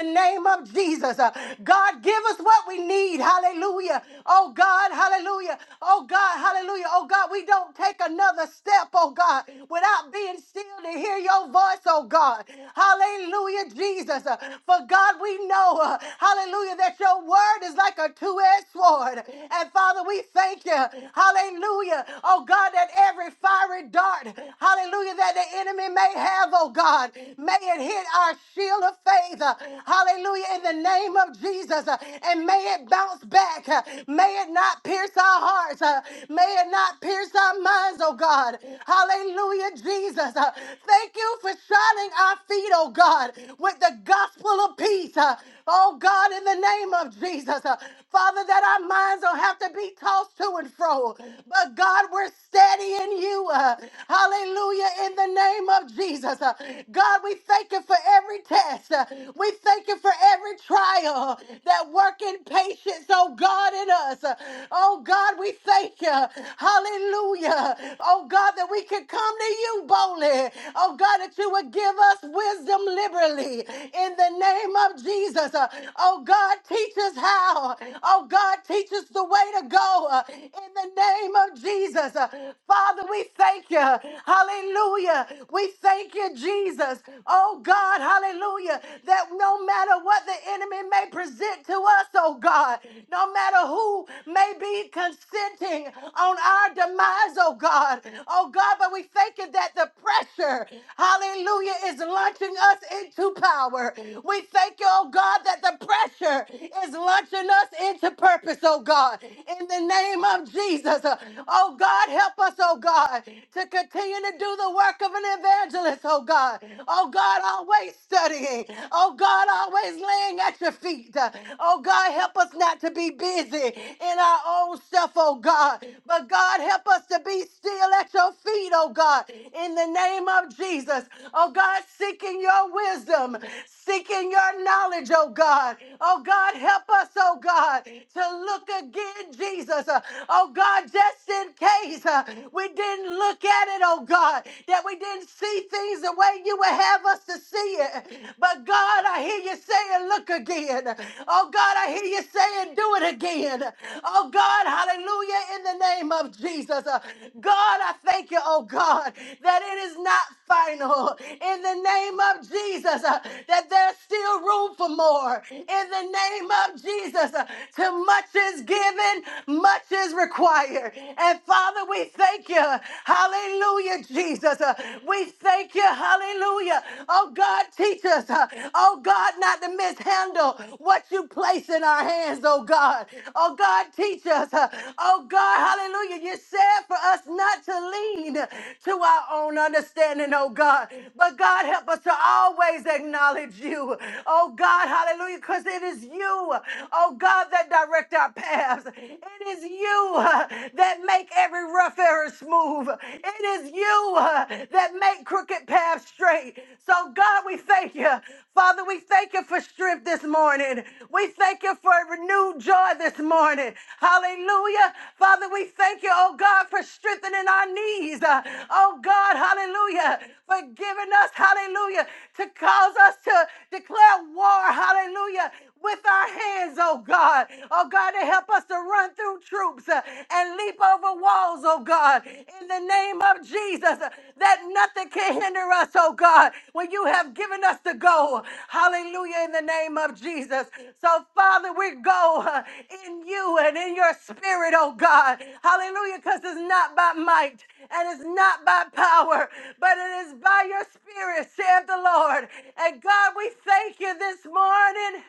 Speaker 6: in the name of Jesus. Uh, God, give us what we need, hallelujah, oh God, hallelujah, oh God, hallelujah, oh God. We don't take another step, oh God, without being still to hear your voice, oh God, hallelujah, Jesus. Uh, for God, we know, uh, hallelujah, that your word is like a two edged sword. And Father, we thank you, hallelujah hallelujah. Oh God, that every fiery dart, hallelujah, that the enemy may have, oh God, may it hit our shield of faith, uh, hallelujah, in the name of Jesus, uh, and may it bounce back. uh, May it not pierce our hearts, uh, may it not pierce our minds, oh God, hallelujah, Jesus. uh, Thank you for shining our feet, oh God, with the gospel of peace, uh, oh God, in the name of Jesus, uh, Father, that our minds don't have to be tossed to and fro now. But God, we're steady in you. uh, hallelujah. In the name of Jesus. Uh, God, we thank you for every test. Uh, we thank you for every trial that work in patience, oh God, in us. Uh, oh God, we thank you. Hallelujah. Oh God, that we can come to you boldly. Oh God, that you would give us wisdom liberally in the name of Jesus. Uh, Oh God, teach us how. Oh God, teach us the way to go. Uh, uh, in the name of Jesus. Uh, Father, we thank you. Hallelujah. We thank you, Jesus. Oh God, hallelujah. That no matter what the enemy may present to us, oh God, no matter who may be consenting on our demise, oh God, oh God, but we thank you that the pressure, hallelujah, is launching us into power. We thank you, oh God, that the pressure is launching us into purpose, oh God in the name of Jesus. Uh, Oh God, help us, oh God, to continue to do the work of an evangelist, oh God. Oh God, always studying. Oh God, always laying at your feet. Uh, Oh God, help us not to be busy in our own stuff, oh God. But God, help us to be still at your feet, oh God, in the name of Jesus. Oh God, seeking your wisdom, seeking your knowledge, oh God. Oh God, help us, oh God, to look look again, Jesus. Uh, Oh God, just in case uh, we didn't look at it, oh God, that we didn't see things the way you would have us to see it. But God, I hear you saying, look again. Oh God, I hear you saying, do it again. Oh God, hallelujah, in the name of Jesus. Uh, God, I thank you, oh God, that it is not final. In the name of Jesus, uh, that there's still room for more. In the name of Jesus, uh, to much is given, much is required. And Father, we thank you. Hallelujah, Jesus. Uh, We thank you. Hallelujah. Oh God, teach us. uh, Oh God, not to mishandle what you place in our hands, oh God. Oh God, teach us. uh, Oh God, hallelujah. You said for us not to lean to our own understanding, oh God. But God, help us to always acknowledge you. Oh God, hallelujah, because it is you. Oh God, that direct our paths. It is you uh, that make every rough area smooth. It is you uh, that make crooked paths straight. So God, we thank you. Father, we thank you for strength this morning. We thank you for renewed joy this morning. Hallelujah. Father, we thank you, oh God, for strengthening our knees. Uh, Oh God, hallelujah, for giving us, hallelujah, to cause us to declare war, hallelujah, with our hands, oh God. Oh God, to help us to run through troops uh, and leap over walls, oh God. In the name of Jesus, uh, that nothing can hinder us, oh God, when you have given us to go. Hallelujah, in the name of Jesus. So, Father, we go uh, in you and in your spirit, oh God. Hallelujah, because it's not by might and it's not by power, but it is by your spirit, saith the Lord. And God, we thank you this morning.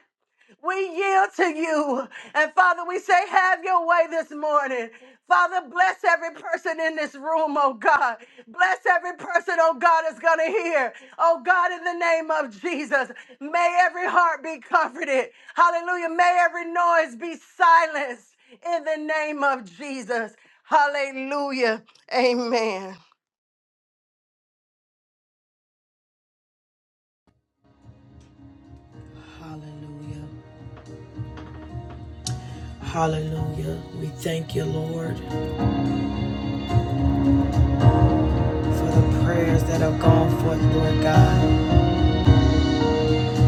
Speaker 6: We yield to you. And Father, we say, have your way this morning. Father, bless every person in this room, oh God. Bless every person, oh God, is going to hear. Oh God, in the name of Jesus, may every heart be comforted. Hallelujah. May every noise be silenced in the name of Jesus. Hallelujah. Amen.
Speaker 2: Hallelujah. Hallelujah. We thank you, Lord, for the prayers that have gone forth, Lord God.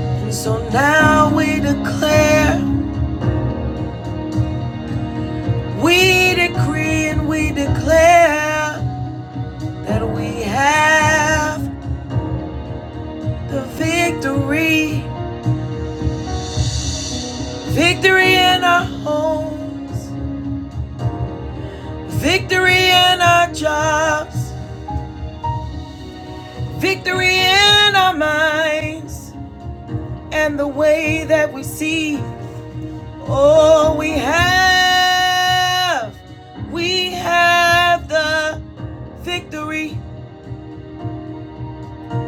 Speaker 2: And so now we declare, we decree, and we declare that we have the victory. Victory in our homes, victory in our jobs, victory in our minds, and the way that we see. Oh, we have, we have the victory.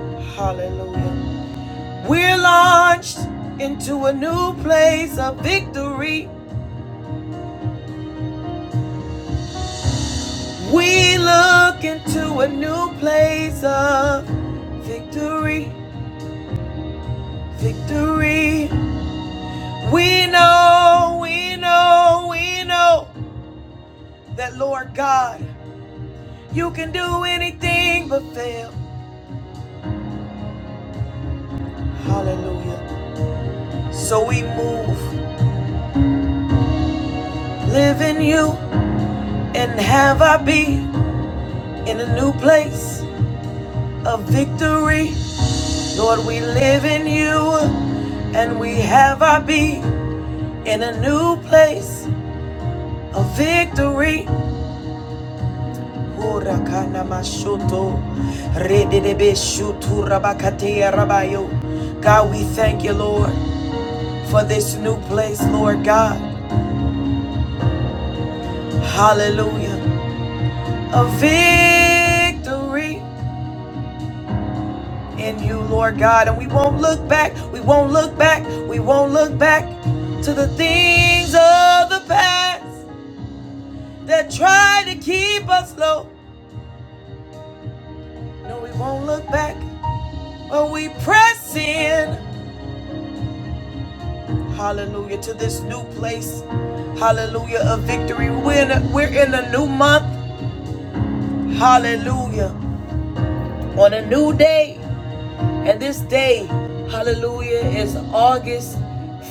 Speaker 2: Hallelujah. We're launched into a new place of victory. We look into a new place of victory, victory. We know, we know, we know that Lord God, you can do anything but fail. Hallelujah. So we move, live in you, and have our be in a new place of victory. Lord, we live in you, and we have our be in a new place of victory. Hurakana mashuto, rededebe shutu rabakatea rabayo. God, we thank you, Lord, for this new place, Lord God. Hallelujah. A victory. in you, Lord God. And we won't look back, we won't look back, we won't look back to the things of the past that try to keep us low. No, we won't look back, but we press in, hallelujah, to this new place, hallelujah, of victory. We're in a, we're in a new month, hallelujah, on a new day. And this day, hallelujah, is August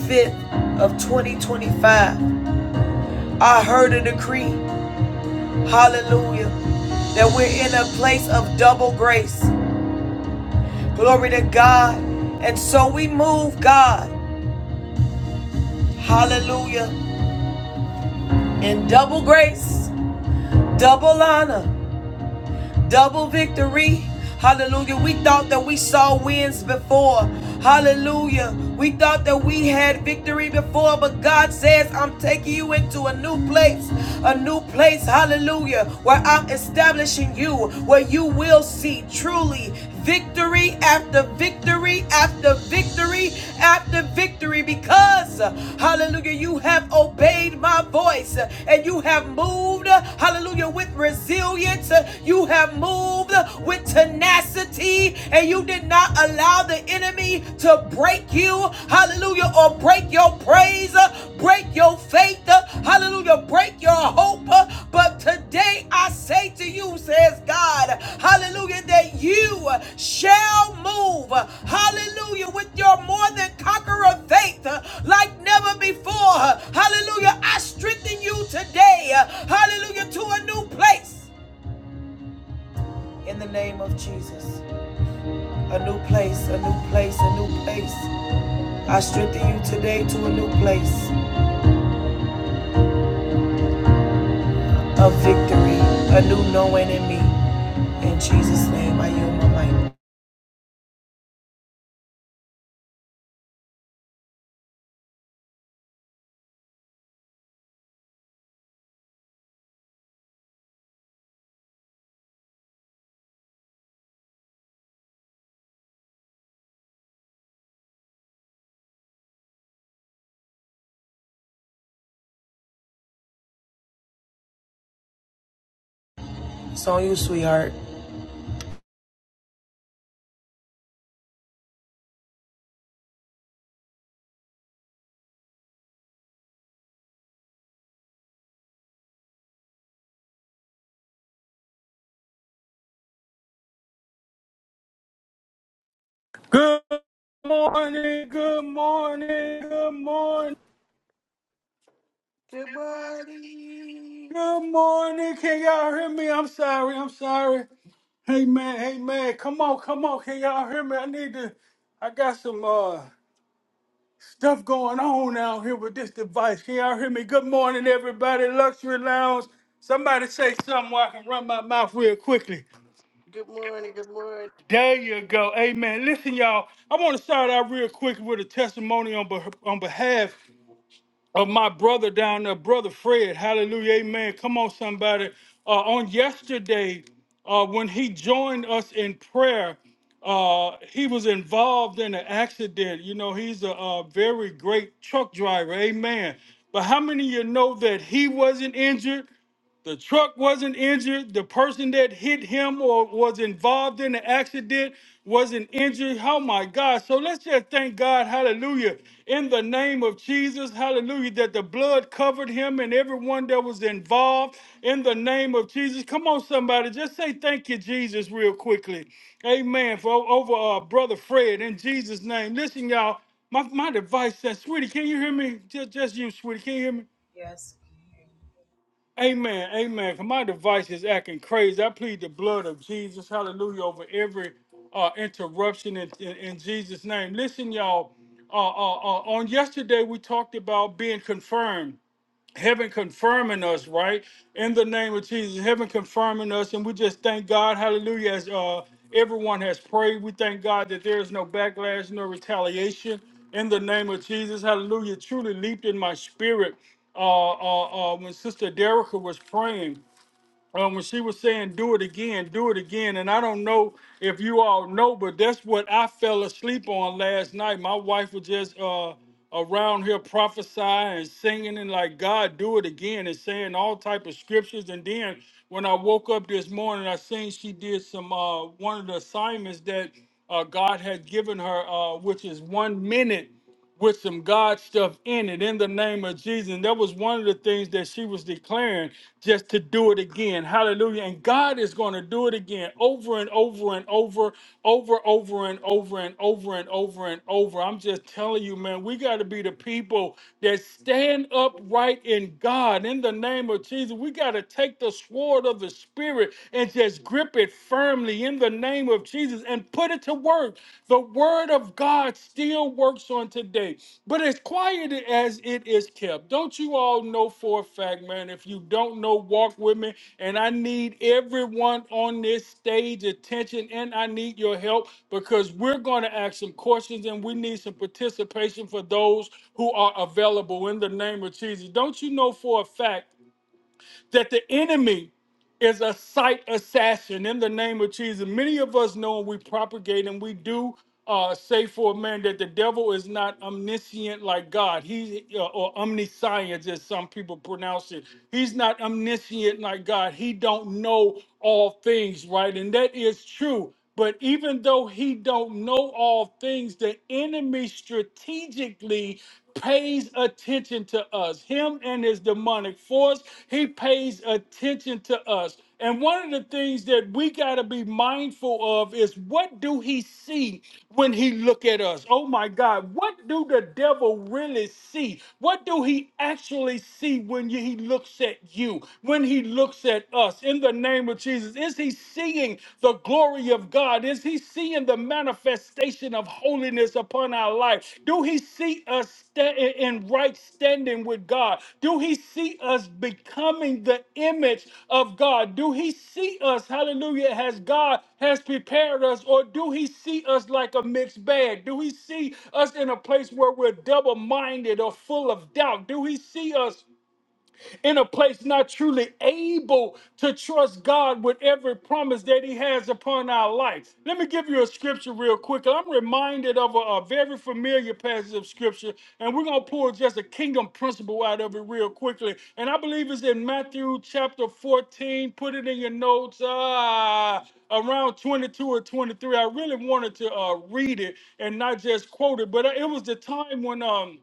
Speaker 2: 5th of 2025. I heard a decree, hallelujah, that we're in a place of double grace. Glory to God. And so we move, God, hallelujah, in double grace, double honor. double victory. Hallelujah. We thought that we saw wins before. Hallelujah. We thought that we had victory before, but God says, I'm taking you into a new place, a new place. Hallelujah. Where I'm establishing you, where you will see truly victory after victory after victory after victory because, hallelujah, you have obeyed my voice and you have moved, hallelujah, with resilience. You have moved with tenacity and you did not allow the enemy to break you, hallelujah, or break your prayer praise, uh, break your faith, uh, hallelujah, break your hope. uh, But today I say to you, says God, hallelujah, that you uh, shall move, uh, hallelujah, with your more than conqueror faith uh, like never before. uh, Hallelujah, I strengthen you today, uh, hallelujah, to a new place in the name of Jesus. A new place, a new place, a new place. I strengthen you today to a new place. a victory, a new knowing in me. In Jesus' name, I yield my mic. It's on you, sweetheart.
Speaker 1: Good morning. Good morning. Good morning.
Speaker 6: Good morning.
Speaker 1: Good morning. Can y'all hear me? I'm sorry. I'm sorry. Hey man. Hey man. Come on. Come on. Can y'all hear me? I need to. I got some uh stuff going on out here with this device. Can y'all hear me? Good morning, everybody. Luxury Lounge. Somebody say something where I can run my mouth real quickly.
Speaker 6: Good morning. Good morning.
Speaker 1: There you go. Amen. Listen, y'all. I want to start out real quick with a testimony on, beh on behalf of my brother down there, brother Fred. Hallelujah, amen. Come on, somebody. Uh, on yesterday, uh, when he joined us in prayer, uh, he was involved in an accident. You know, he's a, uh very great truck driver, amen. But how many of you know that he wasn't injured? The truck wasn't injured. The person that hit him or was involved in the accident wasn't injured. Oh my God. So let's just thank God, hallelujah, in the name of Jesus, hallelujah, that the blood covered him and everyone that was involved in the name of Jesus. Come on, somebody, just say thank you, Jesus, real quickly. Amen. For over uh, brother Fred in Jesus' name. Listen, y'all, my, my device says, sweetie, can you hear me? Just, just you, sweetie, can you hear me?
Speaker 2: Yes.
Speaker 1: Amen. Amen. 'Cause my device is acting crazy. I plead the blood of Jesus. Hallelujah. Over every uh, interruption in, in, in Jesus' name. Listen, y'all. Uh, uh, uh, on yesterday, we talked about being confirmed heaven confirming us right in the name of jesus heaven confirming us and we just thank god hallelujah as uh everyone has prayed we thank god that there is no backlash no retaliation in the name of jesus hallelujah truly leaped in my spirit uh uh, uh when sister Derica was praying um, when she was saying, "Do it again, do it again," and I don't know if you all know, but that's what I fell asleep on last night. My wife was just uh, around here prophesying and singing and like, "God, do it again," and saying all type of scriptures. And then when I woke up this morning, I seen she did some uh, one of the assignments that uh, God had given her, uh, which is one minute with some God stuff in it in the name of Jesus. And that was one of the things that she was declaring just to do it again. Hallelujah. And God is going to do it again over and over and over, over, over and over and over and over and over. I'm just telling you, man, we got to be the people that stand upright in God in the name of Jesus. We got to take the sword of the Spirit and just grip it firmly in the the name of Jesus and put it to work. The word of God still works on today. But as quiet as it is kept, don't you all know for a fact, man? If you don't know, walk with me. And I need everyone on this stage attention and I need your help because we're going to ask some questions and we need some participation for those who are available in the name of Jesus. Don't you know for a fact? that the enemy is a sight assassin in the name of Jesus. Many of us know and we propagate and we do uh, say for a man that the devil is not omniscient like God. He uh, or omniscience, as some people pronounce it. He's not omniscient like God. He don't know all things, right? And that is true. But even though he don't know all things, the enemy strategically pays attention to us. Him and his demonic force, he pays attention to us. And one of the things that we got to be mindful of is what do he see when he look at us? Oh my God, what do the devil really see? What do he actually see when he looks at you? When he looks at us? us in the name of Jesus? Is he seeing the glory of God? Is he seeing the manifestation of holiness upon our life? Do he see us sta- in right standing with God? Do he see us becoming the image of God? Do he see us, hallelujah, has God has prepared us, or do he see us like a mixed bag? Do he see us in a place where we're double minded or full of doubt? Do he see us? in a place not truly able to trust God with every promise that He has upon our life. Let me give you a scripture real quick. I'm reminded of a, a very familiar passage of scripture, and we're going to pull just a kingdom principle out of it real quickly. And I believe it's in Matthew chapter 14. Put it in your notes. Ah, around 22 or 23. I really wanted to uh, read it and not just quote it, but uh, it was the time when. um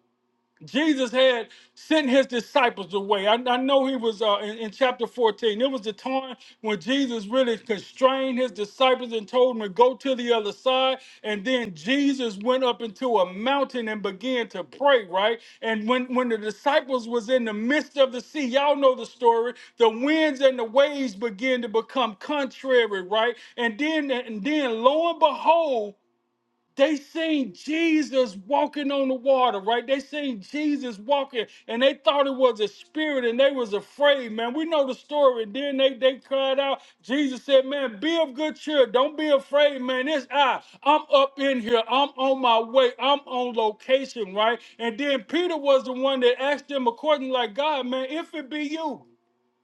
Speaker 1: Jesus had sent his disciples away. I, I know he was uh, in, in chapter 14. It was the time when Jesus really constrained his disciples and told them to go to the other side. And then Jesus went up into a mountain and began to pray, right? And when, when the disciples was in the midst of the sea, y'all know the story, the winds and the waves began to become contrary, right? And then and then lo and behold, they seen Jesus walking on the water, right? They seen Jesus walking and they thought it was a spirit and they was afraid, man. We know the story. And then they, they cried out. Jesus said, man, be of good cheer. Don't be afraid, man. It's I. I'm up in here. I'm on my way. I'm on location, right? And then Peter was the one that asked them according like God, man, if it be you.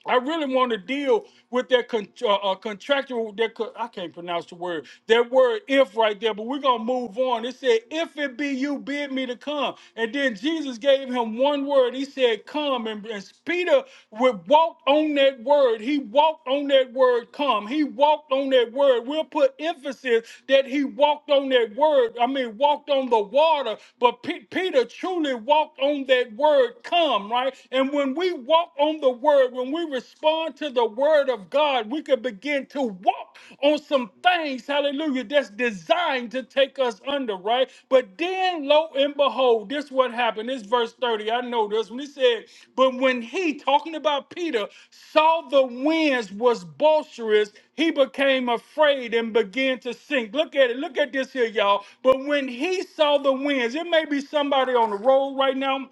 Speaker 1: I really want to deal with that con- uh, uh, contractual. That co- I can't pronounce the word. That word "if" right there. But we're gonna move on. It said, "If it be you, bid me to come." And then Jesus gave him one word. He said, "Come." And, and Peter would walk on that word. He walked on that word. Come. He walked on that word. We'll put emphasis that he walked on that word. I mean, walked on the water. But Pe- Peter truly walked on that word. Come. Right. And when when we walk on the word, when we respond to the word of God, we can begin to walk on some things, hallelujah, that's designed to take us under, right? But then, lo and behold, this what happened. This verse 30. I know this when he said, But when he, talking about Peter, saw the winds was boisterous, he became afraid and began to sink. Look at it. Look at this here, y'all. But when he saw the winds, it may be somebody on the road right now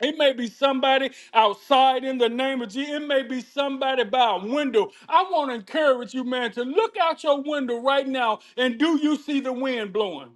Speaker 1: it may be somebody outside in the name of Jesus. It may be somebody by a window. I want to encourage you, man, to look out your window right now and do you see the wind blowing?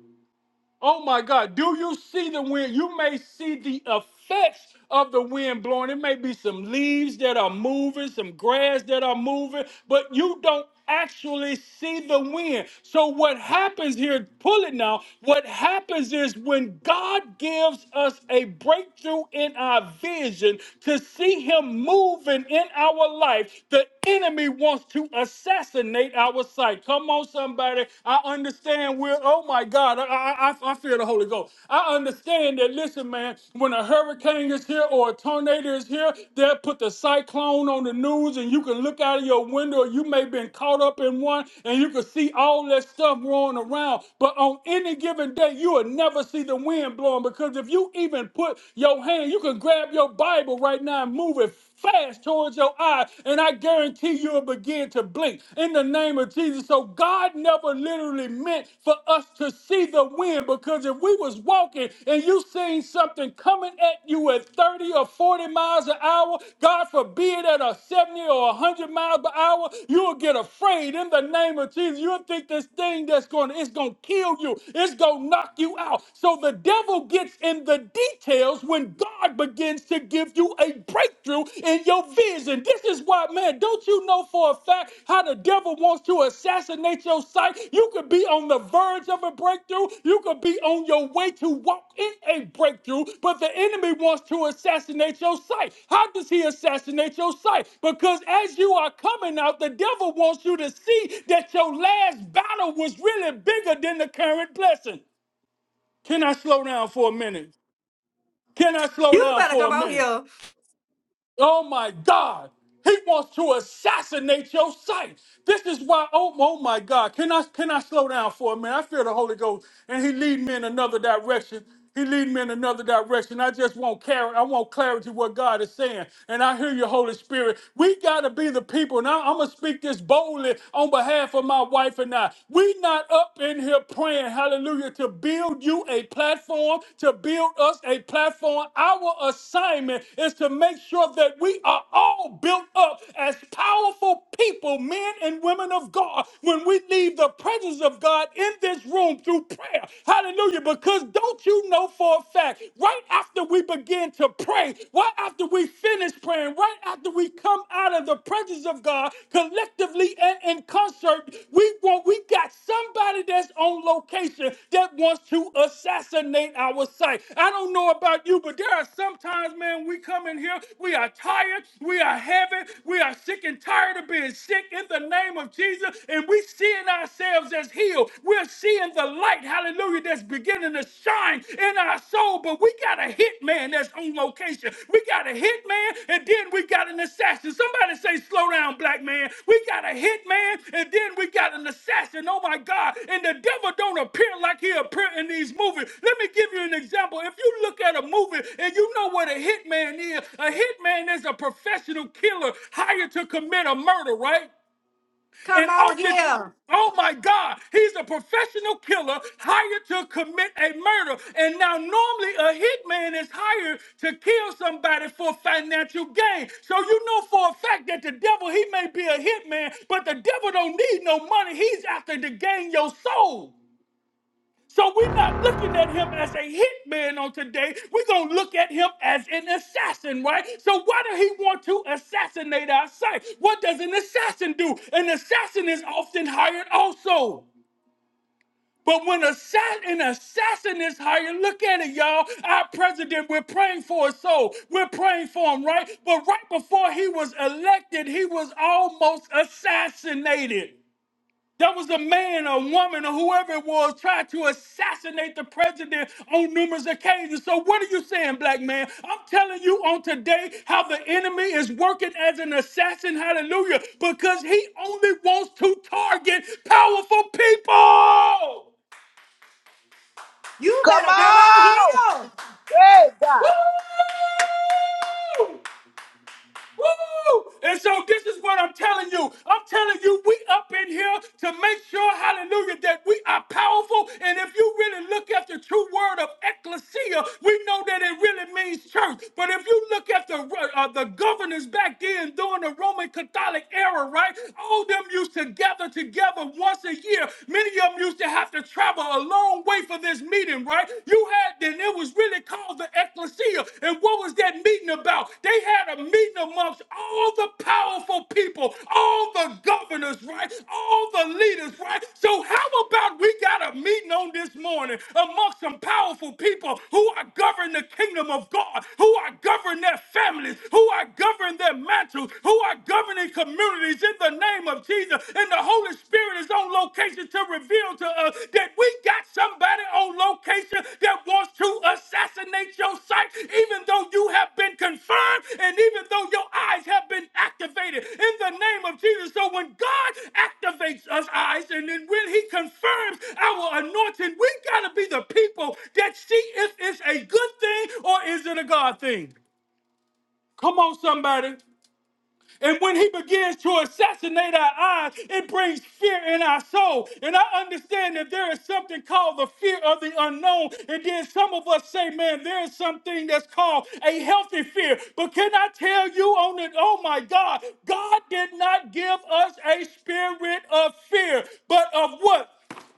Speaker 1: Oh my God. Do you see the wind? You may see the effects of the wind blowing. It may be some leaves that are moving, some grass that are moving, but you don't actually see the wind. So, what happens here, pull it now, what happens is when God gives us a breakthrough in our vision to see Him moving in our life, the enemy wants to assassinate our sight. Come on, somebody. I understand we're, oh my God, I, I, I I feel the Holy Ghost. I understand that, listen, man, when a hurricane is here or a tornado is here, they'll put the cyclone on the news and you can look out of your window. You may have been caught up in one and you can see all that stuff rolling around. But on any given day, you will never see the wind blowing because if you even put your hand, you can grab your Bible right now and move it fast towards your eye, and I guarantee you'll begin to blink in the name of Jesus. So God never literally meant for us to see the wind because if we was walking and you seen something coming at you at 30 or 40 miles an hour, God forbid at a 70 or 100 miles per hour, you'll get afraid in the name of Jesus. You'll think this thing that's going to, it's going to kill you. It's going to knock you out. So the devil gets in the details when God begins to give you a breakthrough in your vision. This is why, man, don't you know for a fact how the devil wants to assassinate your sight? You could be on the verge of a breakthrough, you could be on your way to walk in a breakthrough, but the enemy wants to assassinate your sight. How does he assassinate your sight? Because as you are coming out, the devil wants you to see that your last battle was really bigger than the current blessing. Can I slow down for a minute? Can I slow
Speaker 3: You
Speaker 1: down
Speaker 3: better
Speaker 1: for a
Speaker 3: come out
Speaker 1: minute?
Speaker 3: here.
Speaker 1: Oh my God. He wants to assassinate your sight. This is why, oh, oh my God. Can I can I slow down for a minute? I feel the Holy Ghost and he lead me in another direction. He lead me in another direction. I just want clarity. I want clarity what God is saying. And I hear your Holy Spirit. We gotta be the people. Now I'm gonna speak this boldly on behalf of my wife and I. We not up in here praying, hallelujah hallelujah, to build you a platform, to build us a platform. Our assignment is to make sure that we are all built up as powerful people, men and women of God, when we leave the presence of God in this room through prayer. Hallelujah. Because don't you know for a fact, right after we begin to pray, right after we finish praying, right after we come out out of the presence of God collectively and in concert. We want, we got somebody that's on location that wants to assassinate our sight. I don't know about you, but there are sometimes, man, we come in here, we are tired, we are heavy, we are sick and tired of being sick in the name of Jesus, and we seeing ourselves as healed. We're seeing the light, hallelujah, that's beginning to shine mind and our soul, but we got a hitman that's on location. We got a hitman and then we got an assassin. Somebody say, slow down, black man. We got a hitman and then we got an assassin. Oh my God. And the devil don't appear like he appear in these movies. Let me give you an example. If you look at a movie and you know what a hitman is, a hitman is a professional killer hired to commit a murder, right?
Speaker 3: Come
Speaker 1: And
Speaker 3: out
Speaker 1: often,
Speaker 3: here.
Speaker 1: oh my God, he's a professional killer hired to commit a murder. And now, normally, a hitman is hired to kill somebody for financial gain. So you know for a fact that the devil, he may be a hitman, but the devil don't need no money. He's after to gain your soul. So we're not looking at him as a hitman on today. We're going to look at him as an assassin, right? So why does he want to assassinate our sight? What does an assassin do? An assassin is often hired also. But when assa- an assassin is hired, look at it, y'all. Our president, we're praying for his soul. We're praying for him, right? But right before he was elected, he was almost assassinated. There was a man or woman or whoever it was trying to assassinate the president on numerous occasions. So, what are you saying, black man? I'm telling you on today how the enemy is working as an assassin, hallelujah, because he only wants to target powerful people.
Speaker 3: You
Speaker 4: Come
Speaker 3: better come on
Speaker 4: on!
Speaker 3: here.
Speaker 4: Hey, God.
Speaker 1: Woo! And so this is what I'm telling you. I'm telling you, we up in here to make sure, hallelujah, that we are powerful. And if you really look at the true word of ecclesia, we know that it really means church. But if you look at the uh, the governors back then during the Roman Catholic era, right? All them used to gather together once a year. Many of them used to have to travel a long way for this meeting, right? You had then it was really called the ecclesia. And what was that meeting about? They had a meeting amongst all the powerful people, all the governors, right? All the leaders, right? So how about we got a meeting on this morning amongst some powerful people who are governing the kingdom of God, who are governing their families, who are governing their mantles, who are governing communities in the name of Jesus and the Holy Spirit is on location to reveal to us that we got somebody on location that wants to assassinate your sight, even though you have been confirmed and even though your eyes have been activated in the name of Jesus. So when God activates us eyes and then when he confirms our anointing, we got to be the people that see if it's a good thing or is it a God thing. Come on, somebody. And when he begins to assassinate our eyes, it brings fear in our soul. And I understand that there is something called the fear of the unknown. And then some of us say, man, there is something that's called a healthy fear. But can I tell you on it? Oh my God, God did not give us a spirit of fear, but of what?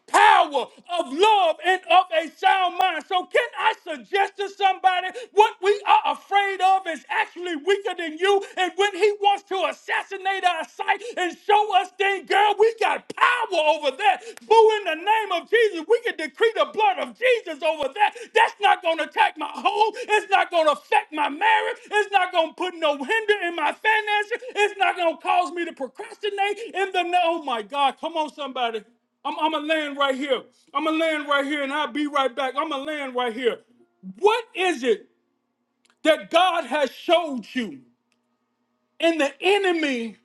Speaker 1: power of love and of a sound mind. So, can I suggest to somebody what we are afraid of is actually weaker than you? And when he wants to assassinate our sight and show us things, girl, we got power over that. Boo, in the name of Jesus, we can decree the blood of Jesus over that. That's not going to attack my home. It's not going to affect my marriage. It's not going to put no hinder in my finances. It's not going to cause me to procrastinate. In the, oh my God, come on, somebody. I'm, I'm going to land right here. I'm going to land right here and I'll be right back. I'm going to land right here. What is it that God has showed you and the enemy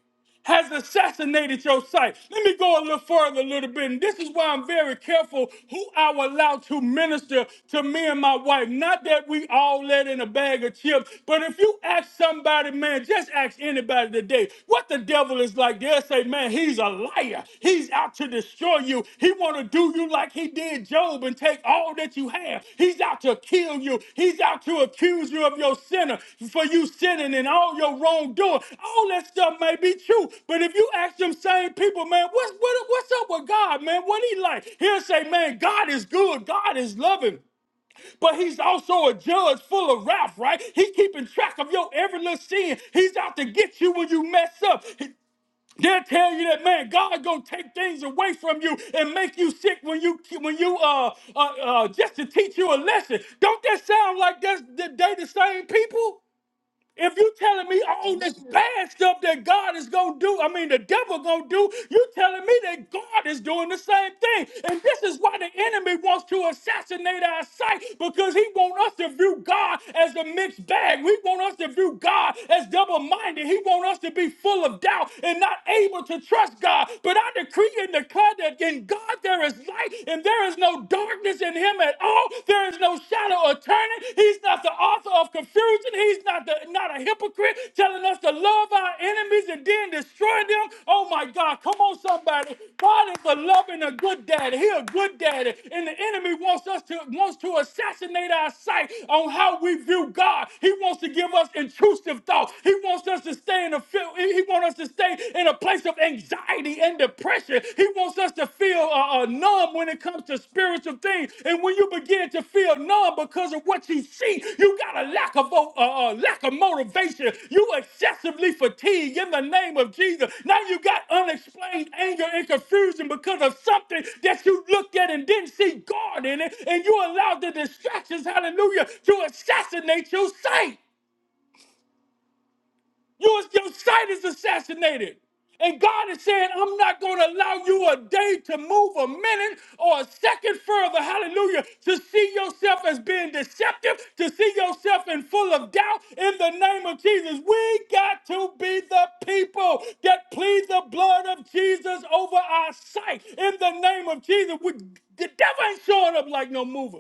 Speaker 1: has assassinated your sight? Let me go a little further, a little bit. And this is why I'm very careful who I will allow to minister to me and my wife. Not that we all let in a bag of chips, but if you ask somebody, man, just ask anybody today what the devil is like, they'll say, man, he's a liar. He's out to destroy you you. He want to do you like he did Job and take all that you have. He's out to kill you. He's out to accuse you of your sinner for you sinning and all your wrongdoing. All that stuff may be true, but if you ask them same people, man, what's what, what's up with God, man? What he like? He'll say, man, God is good. God is loving. But he's also a judge full of wrath, right? He's keeping track of your every little sin. He's out to get you when you mess up. They'll tell you that man, God gonna take things away from you and make you sick when you when you uh uh, uh just to teach you a lesson. Don't that sound like that's the they the same people? If you telling me all this bad stuff that God is gonna do, I mean the devil gonna do, you telling me that God is doing the same thing. And this is why the enemy wants to assassinate our sight because he want us to view God as a mixed bag. We want us to view God as double-minded. He want us to be full of doubt and not able to trust God. But I decree and declare that in God there is light and there is no darkness in in him at all. There is no shadow of turning. He's not the author of confusion. He's not the not a hypocrite telling us to love our enemies and then destroy them. Oh my God, come on, somebody. God is a loving, a good daddy. He a good daddy. And the enemy wants us to wants to assassinate our sight on how we view God. He wants to give us intrusive thoughts. He wants us to stay in a fil- he wants us to stay in a place of anxiety anxiety and depression. He wants us to feel uh, uh, numb when it comes to spiritual things. And when you begin to feel numb because of what you see, you got a lack of uh, uh, uh, lack of motivation. You excessively fatigued in the name of Jesus. Now you got unexplained anger and confusion because of something that you looked at and didn't see God in it, and you allowed the distractions, hallelujah, to assassinate your sight. You, your sight is assassinated. And God is saying, I'm not going to allow you a day to move a minute or a second further, hallelujah, to see yourself as being deceptive, to see yourself in full of doubt in the name of Jesus. We got to be the people that plead the blood of Jesus over our sight in the name of Jesus. We, the devil ain't showing up like no mover.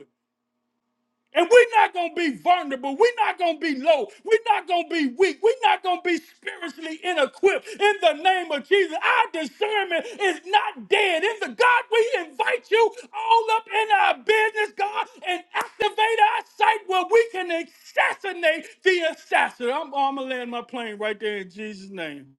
Speaker 1: And we're not going to be vulnerable. We're not going to be low. We're not going to be weak. We're not going to be spiritually inequipped. In the name of Jesus, our discernment is not dead. In the God, we invite you all up in our business, God, and activate our sight where we can assassinate the assassin. I'm, I'm going to land my plane right there in Jesus' name.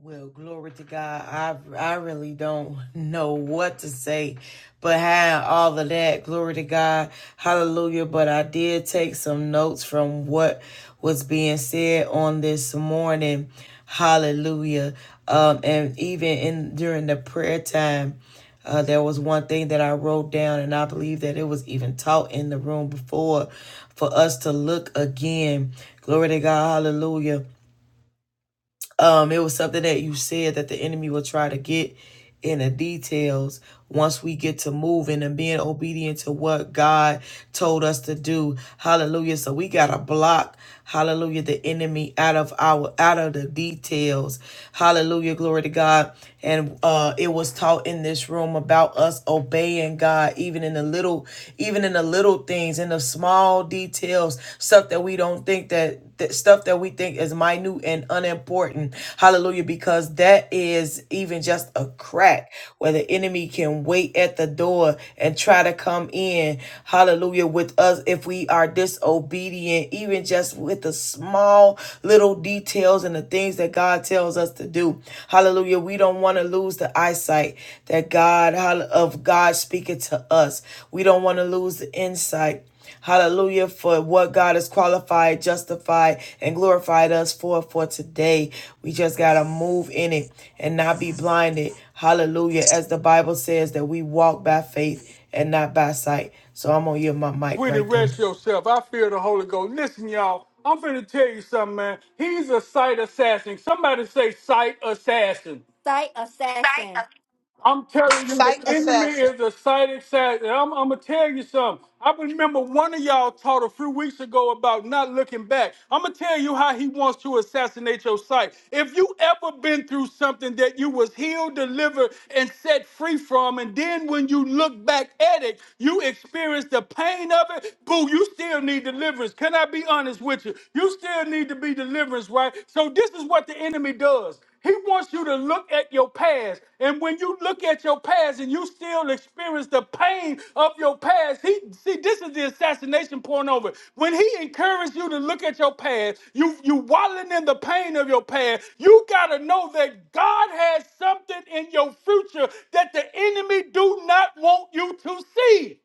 Speaker 2: Well, glory to God. I I really don't know what to say behind all of that. Glory to God. Hallelujah. But I did take some notes from what was being said on this morning. Hallelujah. Um, and even in during the prayer time, uh, there was one thing that I wrote down, and I believe that it was even taught in the room before for us to look again. Glory to God. Hallelujah. Um, it was something that you said that the enemy will try to get in the details once we get to moving and being obedient to what God told us to do. Hallelujah. So we gotta block, hallelujah, the enemy out of our out of the details. Hallelujah, glory to God. And uh it was taught in this room about us obeying God, even in the little, even in the little things, in the small details, stuff that we don't think that th- stuff that we think is minute and unimportant. Hallelujah. Because that is even just a crack where the enemy can wait at the door and try to come in. Hallelujah. With us, if we are disobedient, even just with the small little details and the things that God tells us to do. Hallelujah. We don't want to lose the eyesight that God, of God speaking to us. We don't want to lose the insight. Hallelujah for what God has qualified, justified, and glorified us for for today. We just got to move in it and not be blinded. Hallelujah. As the Bible says that we walk by faith and not by sight. So I'm going to yield my mic
Speaker 1: Sweetie,
Speaker 2: right there.
Speaker 1: rest yourself. I feel the Holy Ghost. Listen, y'all, I'm finna tell you something, man. He's a sight assassin. Somebody say sight assassin.
Speaker 3: Say assassin.
Speaker 1: I'm telling you, the
Speaker 4: Sight
Speaker 1: enemy
Speaker 4: assassin.
Speaker 1: is a sighted sad. And I'm, I'm gonna tell you something. I remember one of y'all taught a few weeks ago about not looking back. I'm gonna tell you how he wants to assassinate your sight. If you ever been through something that you was healed, delivered, and set free from, and then when you look back at it, you experience the pain of it. Boo, you still need deliverance. Can I be honest with you? You still need to be deliverance, right? So this is what the enemy does. He wants you to look at your past. And when you look at your past and you still experience the pain of your past, he see this is the assassination point over. When he encouraged you to look at your past, you you wallowing in the pain of your past, you gotta know that God has something in your future that the enemy do not want you to see.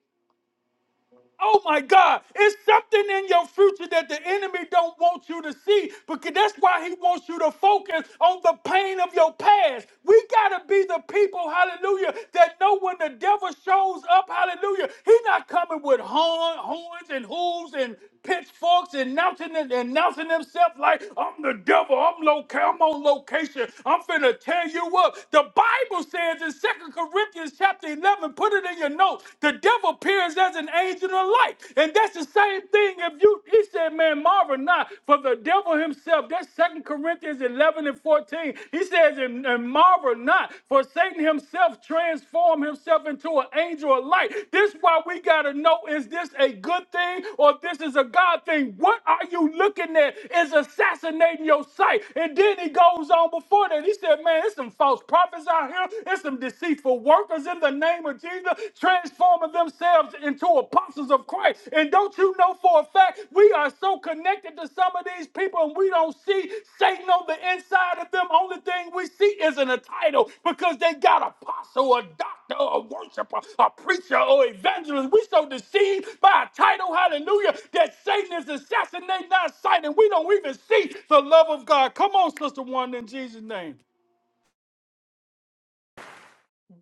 Speaker 1: Oh my God, it's something in your future that the enemy don't want you to see because that's why he wants you to focus on the pain of your past. We got to be the people, hallelujah, that know when the devil shows up, hallelujah, he's not coming with horn, horns and hooves and pitchforks, announcing and announcing himself like I'm the devil. I'm loca- I'm on location. I'm finna tear you up. The Bible says in Second Corinthians chapter 11, put it in your notes. The devil appears as an angel of light, and that's the same thing. If you, he said, man, marvel not for the devil himself. That's Second Corinthians 11 and 14. He says, and, and marvel discover not. For Satan himself transformed himself into an angel of light. This why we gotta know: is this a good thing or this is a God thing? What are you looking at? Is assassinating your sight. And then he goes on before that. He said, Man, there's some false prophets out here, there's some deceitful workers in the name of Jesus, transforming themselves into apostles of Christ. And don't you know for a fact we are so connected to some of these people and we don't see Satan on the inside of them? Only thing we see isn't a title because they got apostle, a doctor, a worshiper, a preacher, or evangelist. We so deceived by a title, hallelujah, that Satan is assassinating our sight and we don't even see the love of God. Come on, Sister One, in Jesus' name.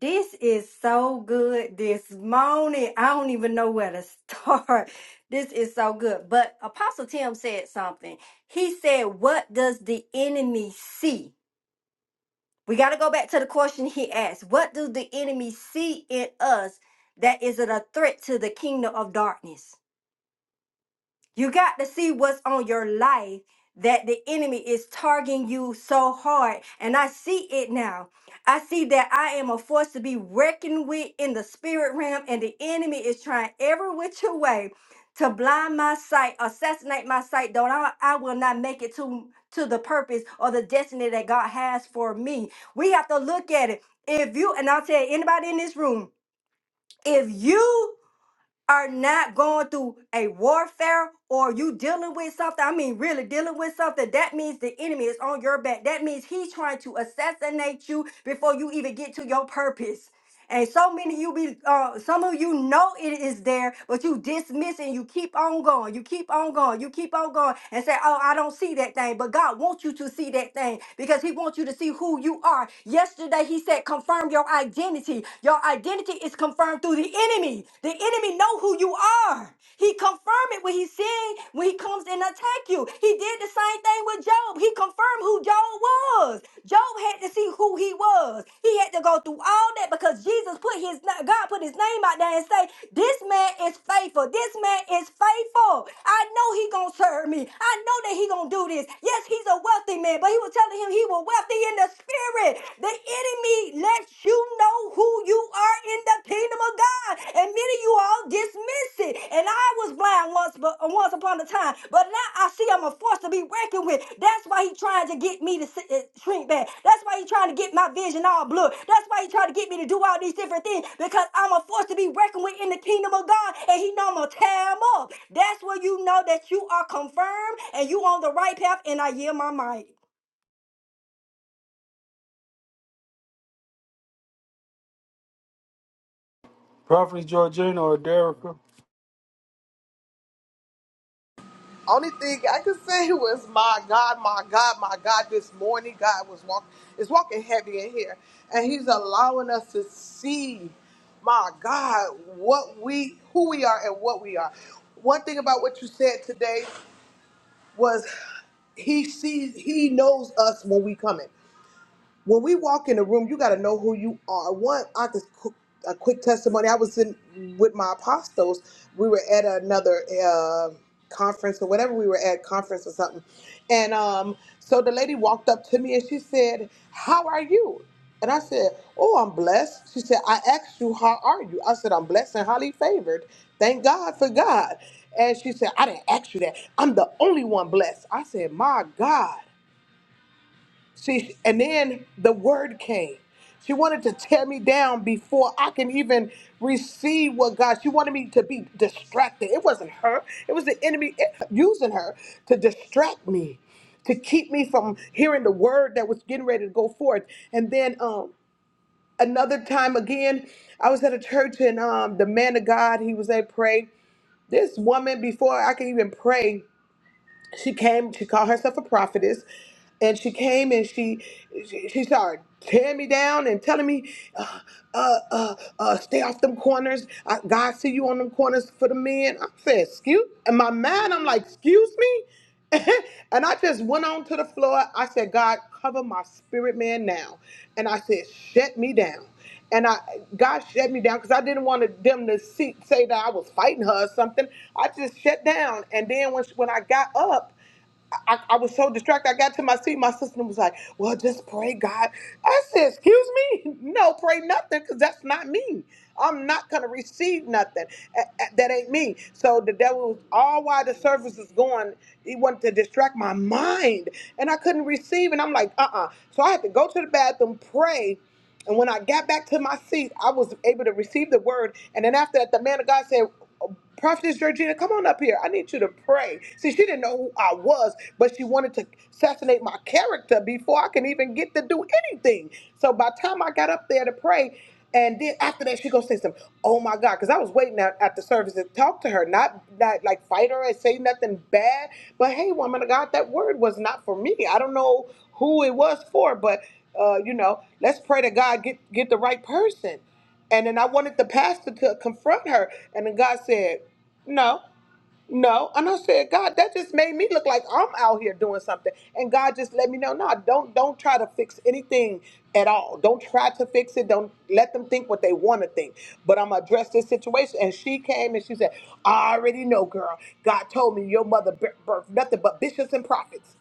Speaker 3: This is so good this morning. I don't even know where to start. This is so good. But Apostle Tim said something. He said, What does the enemy see? We got to go back to the question he asked. What does the enemy see in us that is a threat to the kingdom of darkness? You got to see what's on your life that the enemy is targeting you so hard. And I see it now. I see that I am a force to be reckoned with in the spirit realm, and the enemy is trying every which way to blind my sight, assassinate my sight, though I, I will not make it to, to the purpose or the destiny that God has for me. We have to look at it. If you, and I'll tell anybody in this room, if you are not going through a warfare or you dealing with something, I mean, really dealing with something, that means the enemy is on your back. That means he's trying to assassinate you before you even get to your purpose. And so many you be uh some of you know it is there, but you dismiss and you keep on going, you keep on going, you keep on going and say, Oh, I don't see that thing. But God wants you to see that thing because He wants you to see who you are. Yesterday He said, confirm your identity. Your identity is confirmed through the enemy. The enemy know who you are. He confirmed it when he seen when he comes and attack you. He did the same same thing with Job. He confirmed who Job was. Job had to see who he was. He had to go through all that because Jesus put his God put his name out there and say, "This man is faithful. This man is faithful. I know he gonna serve me. I know that he gonna do this. Yes, he's a wealthy man, but he was telling him he was wealthy in the spirit. The enemy lets you know who you are in the kingdom of God." God, and many of you all dismiss it. And I was blind once, but once upon a time, but now I see I'm a force to be reckoned with. That's why he trying to get me to sit- uh, shrink back. That's why he trying to get my vision all blurred. That's why he trying to get me to do all these different things because I'm a force to be reckoned with in the kingdom of God, and he know I'm gonna tear him up. That's where you know that you are confirmed and you on the right path. And I yield my mic.
Speaker 1: Prophet Georgina or Derrica,
Speaker 4: Only thing I could say was, my God, my God, my God, this morning God was walk is walking heavy in here. And he's allowing us to see, my God, what we, who we are and what we are. One thing about what you said today was he sees, he knows us when we coming when we walk in a room, you got to know who you are. One, I could qu- a quick testimony. I was in with my apostles. We were at another uh, conference or whatever we were at conference or something, and um, so the lady walked up to me and she said, "How are you?" And I said, "Oh, I'm blessed." She said, "I asked you, how are you?" I said, "I'm blessed and highly favored. Thank God for God." And she said, "I didn't ask you that. I'm the only one blessed." I said, "My God." See, and then the word came. She wanted to tear me down before I can even receive what God. She wanted me to be distracted. It wasn't her. It was the enemy eh, using her to distract me, to keep me from hearing the word that was getting ready to go forth. And then um another time again, I was at a church and um the man of God, he was at pray. This woman before I could even pray, she came she called herself a prophetess and she came and she she, she started tearing me down and telling me uh, uh, uh, uh, stay off them corners I, god see you on them corners for the men i said excuse and my man i'm like excuse me and i just went on to the floor i said god cover my spirit man now and i said shut me down and I God shut me down because I didn't want to- them to see, say that I was fighting her or something. I just shut down, and then when she- when I got up, I, I was so distracted. I got to my seat. My sister was like, "Well, just pray, God." I said, "Excuse me, no, pray nothing, because that's not me. I'm not gonna receive nothing. A- a- That ain't me." So the devil was all while the service is going. He wanted to distract my mind, and I couldn't receive. And I'm like, "Uh-uh." So I had to go to the bathroom, pray and when I got back to my seat, I was able to receive the word. And then after that, the man of God said, Prophetess Georgina, come on up here. I need you to pray. See, she didn't know who I was, but she wanted to assassinate my character before I can even get to do anything. So by the time I got up there to pray, and then after that, she goes say something. Oh my God, because I was waiting out at the service to talk to her, not not like fight her and say nothing bad. But hey, woman of God, that word was not for me. I don't know who it was for, but uh, you know, let's pray to God get get the right person. And then I wanted the pastor to confront her, and then God said, no, no. And I said, God, that just made me look like I'm out here doing something. And God just let me know, no, don't don't try to fix anything at all. Don't try to fix it. Don't let them think what they want to think. But I'm gonna address this situation. And she came and she said, I already know, girl. God told me your mother bir- birthed nothing but bishops and prophets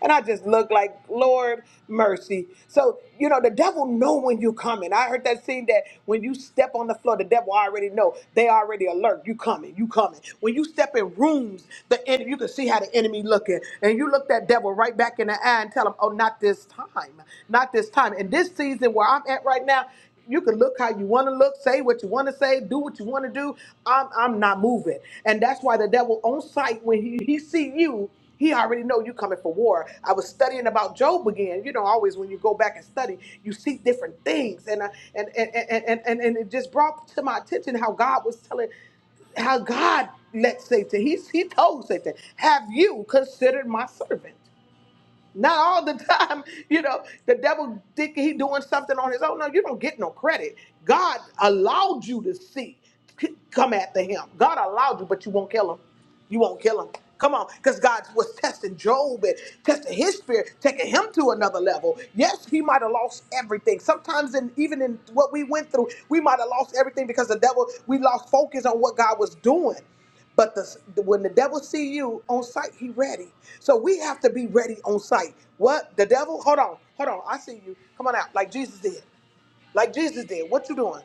Speaker 4: and I just look like, Lord, mercy. So, you know, the devil know when you coming. I heard that scene that when you step on the floor, the devil already know. They already alert. You coming, you coming. When you step in rooms, the enemy, you can see how the enemy looking. And you look that devil right back in the eye and tell him, oh, not this time, not this time. And this season where I'm at right now, you can look how you want to look, say what you want to say, do what you want to do. I'm, I'm not moving. And that's why the devil on sight, when he, he see you, he already know you coming for war. I was studying about Job again. You know, always when you go back and study, you see different things, and I, and, and and and and and it just brought to my attention how God was telling how God let Satan, he, he told Satan, Have you considered my servant? Not all the time, you know, the devil think he doing something on his own. No, you don't get no credit. God allowed you to see. C- Come after him. God allowed you, but you won't kill him. You won't kill him. Come on, because God was testing Job and testing his spirit, taking him to another level. Yes, he might have lost everything. Sometimes, in, even in what we went through, we might have lost everything because the devil, we lost focus on what God was doing. But the, when the devil see you on sight, he ready. So we have to be ready on sight. What the devil? Hold on, hold on. I see you. Come on out, like Jesus did. Like Jesus did. What you doing?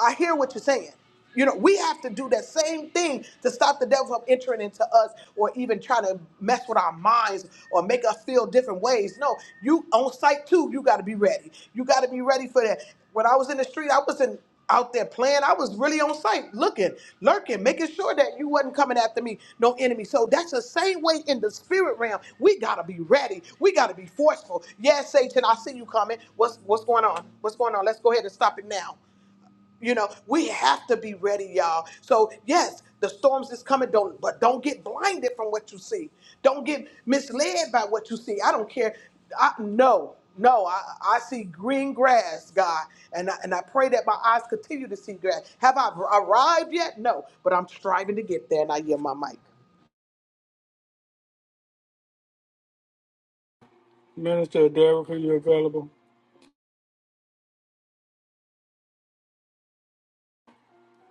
Speaker 4: I hear what you're saying. You know, we have to do that same thing to stop the devil from entering into us or even trying to mess with our minds or make us feel different ways. No, you on site too, you gotta be ready. You gotta be ready for that. When I was in the street, I wasn't out there playing. I was really on site, looking, lurking, making sure that you wasn't coming after me, no enemy. So that's the same way in the spirit realm. We gotta be ready. We gotta be forceful. Yes, Satan, I see you coming. What's what's going on? What's going on? Let's go ahead and stop it now. You know, we have to be ready, y'all. So yes, the storms is coming, don't but don't get blinded from what you see. Don't get misled by what you see. I don't care. I no, no, I, I see green grass, God, and I, and I pray that my eyes continue to see grass. Have I arrived yet? No, but I'm striving to get there, and I hear my mic.
Speaker 1: Minister Derrica, you available?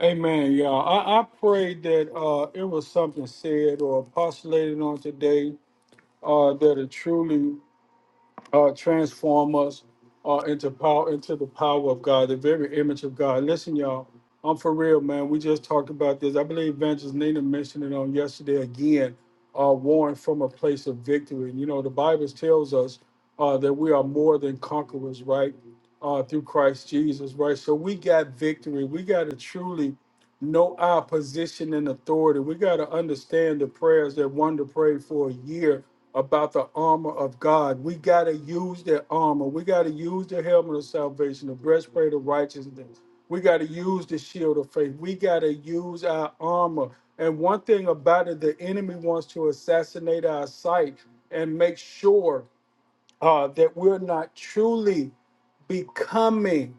Speaker 1: Amen, y'all. I, I pray that uh, it was something said or postulated on today uh, that it truly uh, transform us uh, into power, into the power of God, the very image of God. Listen, y'all, I'm for real, man. We just talked about this. I believe Evangelist Nina mentioned it on yesterday again. Uh, warring from a place of victory. And, you know, the Bible tells us uh, that we are more than conquerors, right? Uh, through Christ Jesus, right? So we got victory. We got to truly know our position and authority. We got to understand the prayers that wonder prayed for a year about the armor of God. We got to use that armor. We got to use the helmet of salvation, the breastplate of righteousness. We got to use the shield of faith. We got to use our armor. And one thing about it, the enemy wants to assassinate our sight and make sure uh, that we're not truly becoming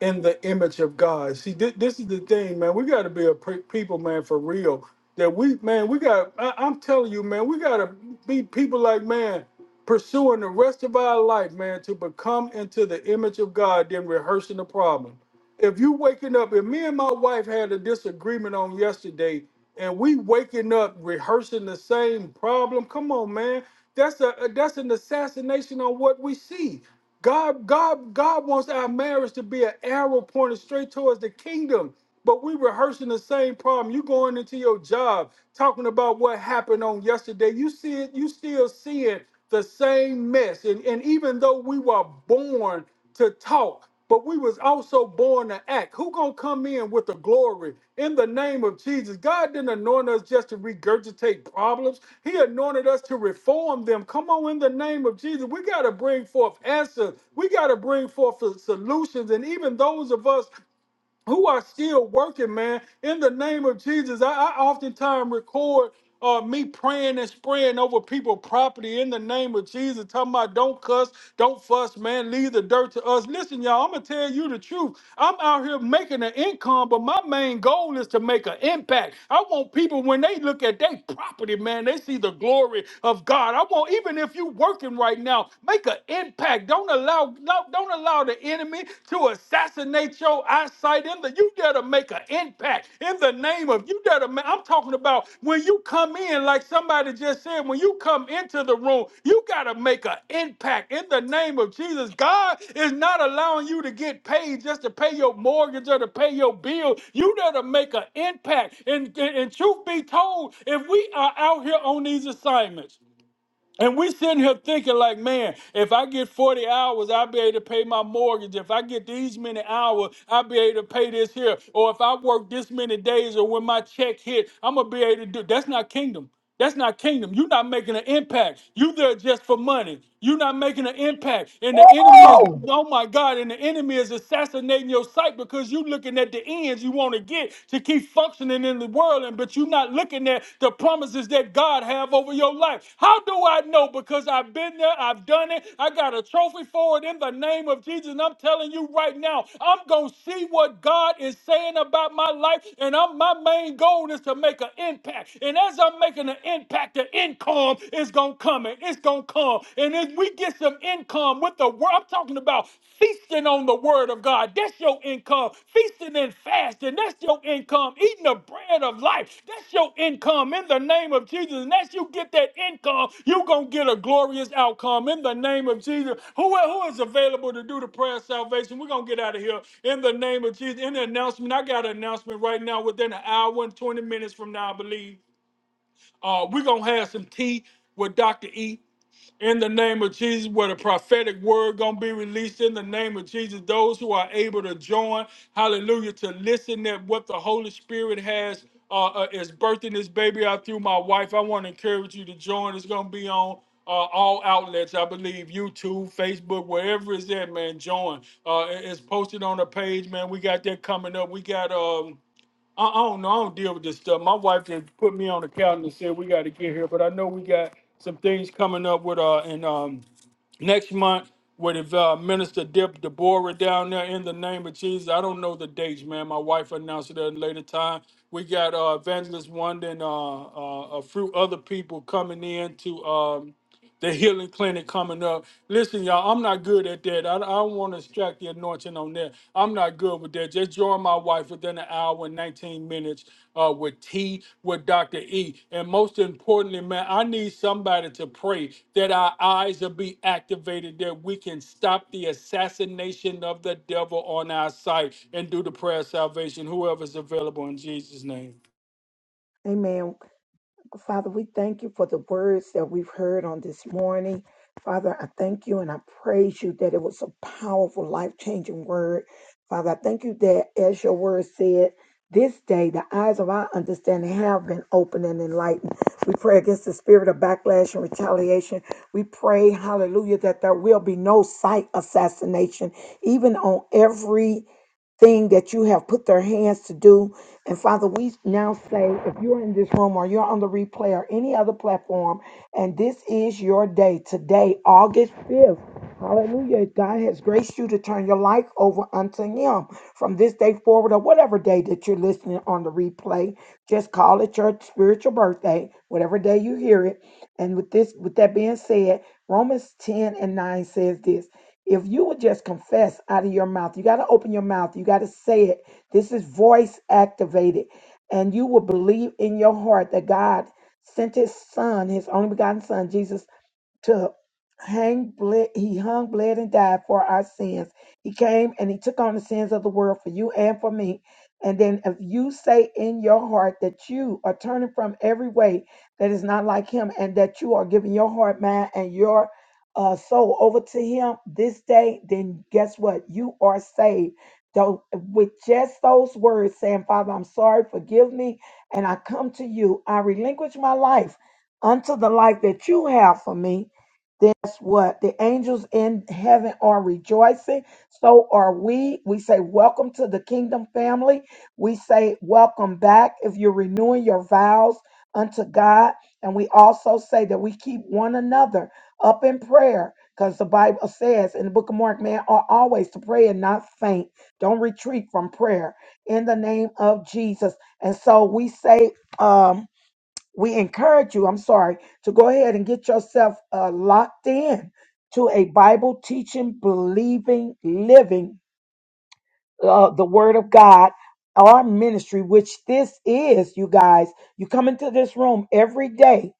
Speaker 1: in the image of God. See, thi- this is the thing, man. We got to be a pre- people, man, for real. That we, man, we got. I- I'm telling you, man, we got to be people like, man, pursuing the rest of our life, man, to become into the image of God. Then rehearsing the problem. If you waking up, if me and my wife had a disagreement on yesterday, and we waking up rehearsing the same problem, come on, man. That's a that's an assassination on what we see. God, God, God wants our marriage to be an arrow pointed straight towards the kingdom. But we rehearsing the same problem. You going into your job talking about what happened on yesterday. You see it, you still seeing the same mess. And, and even though we were born to talk, but we was also born to act. Who gonna come in with the glory in the name of Jesus? God didn't anoint us just to regurgitate problems. He anointed us to reform them. Come on, in the name of Jesus, we gotta bring forth answers. We gotta bring forth the solutions. And even those of us who are still working, man. In the name of Jesus, I, I oftentimes record uh, me praying and spraying over people property in the name of Jesus, talking about don't cuss, don't fuss, man, leave the dirt to us. Listen, y'all, I'm gonna tell you the truth. I'm out here making an income, but my main goal is to make an impact. I want people when they look at their property, man, they see the glory of God. I want even if you're working right now, make an impact. Don't allow allow, no, don't allow the enemy to assassinate your eyesight. In the, you gotta make an impact in the name of you gotta. ma- I'm talking about when you come in, like somebody just said, when you come into the room, you gotta make an impact in the name of Jesus. God is not allowing you to get paid just to pay your mortgage or to pay your bill. You gotta make an impact. And, and, and truth be told, if we are out here on these assignments. And we sitting here thinking like, man, if I get 40 hours, I'll be able to pay my mortgage. If I get these many hours, I'll be able to pay this here. Or if I work this many days or when my check hit, I'm gonna be able to do that's not kingdom. That's not kingdom. You're not making an impact. You there just for money. You're not making an impact. And the enemy is,
Speaker 5: Oh,
Speaker 1: oh my God, and the enemy is assassinating your sight because you looking at the ends you want to get way to keep functioning in the world, and but you're not looking at the promises that God have over your life. How do I know? Because I've been there, I've done it, I got a trophy for it in the name of Jesus. And I'm telling you right now, I'm gonna see what God is saying about my life, and I'm, my main goal is to make an impact. And as I'm making an impact, the income is gonna come, and it's gonna come. And if we get some income, with the word. I'm talking about feasting on the word of God. That's your income. Feasting and fasting. That's your income. Eating the bread of life. That's your income in the name of Jesus. And as you get that income, you're going to get a glorious outcome in the name of Jesus. Who, who is available to do the prayer of salvation? We're going to get out of here in the name of Jesus. In the announcement, I got an announcement right now within an hour and 20 minutes from now, I believe. Uh, we're going to have some tea with Dr. E in the name of Jesus, where the prophetic word gonna be released in the name of Jesus. Those who are able to join, hallelujah, to listen at what the Holy Spirit has uh, uh, is birthing this baby out through my wife. I want to encourage you to join. It's gonna be on uh, all outlets, I believe, YouTube, Facebook, wherever it's at, man. Join. Uh, it- it's posted on the page, man. We got that coming up. We got um I, I don't know. I don't deal with this stuff. My wife had put me on the calendar and said we got to get here, but I know we got some things coming up with uh and um next month with uh, Minister Dip Deborah down there in the name of Jesus. I don't know the dates, man. My wife announced it at a later time. We got uh, Evangelist Wanda and uh, uh, a few other people coming in to um the healing clinic coming up. Listen, y'all, I'm not good at that. I, I don't want to extract the anointing on that. I'm not good with that. Just join my wife within an hour and 19 minutes uh, with T, with Dr. E. And most importantly, man, I need somebody to pray that our eyes will be activated, that we can stop the assassination of the devil on our sight and do the prayer of salvation, whoever's available in Jesus' name.
Speaker 5: Amen. Father, we thank you for the words that we've heard on this morning. Father, I thank you and I praise you that it was a powerful, life changing word. Father, I thank you that, as your word said, this day the eyes of our understanding have been opened and enlightened. We pray against the spirit of backlash and retaliation. We pray, hallelujah, that there will be no sight assassination, even on every thing that you have put their hands to do. And Father, we now say if you're in this room or you're on the replay or any other platform, and this is your day today, August 5th. Hallelujah. God has graced you to turn your life over unto Him from this day forward or whatever day that you're listening on the replay. Just call it your spiritual birthday, whatever day you hear it. And with this, with that being said, Romans 10 and 9 says this. If you would just confess out of your mouth, you got to open your mouth, you got to say it. This is voice activated. And you will believe in your heart that God sent his son, his only begotten son, Jesus to hang bled he hung bled and died for our sins he came and he took on the sins of the world for you and for me and then if you say in your heart that you are turning from every way that is not like him and that you are giving your heart mind and your uh, soul over to him this day then guess what you are saved though with just those words saying father i'm sorry forgive me and i come to you i relinquish my life unto the life that you have for me then That's what the angels in heaven are rejoicing. So are we. We say, Welcome to the kingdom family. We say, Welcome back if you're renewing your vows unto God. And we also say that we keep one another up in prayer because the Bible says in the book of Mark, man, are always to pray and not faint. Don't retreat from prayer in the name of Jesus. And so we say, um, we encourage you, I'm sorry, to go ahead and get yourself uh, locked in to a Bible teaching, believing, living uh, the word of God, our ministry, which this is, you guys. You come into this room every day,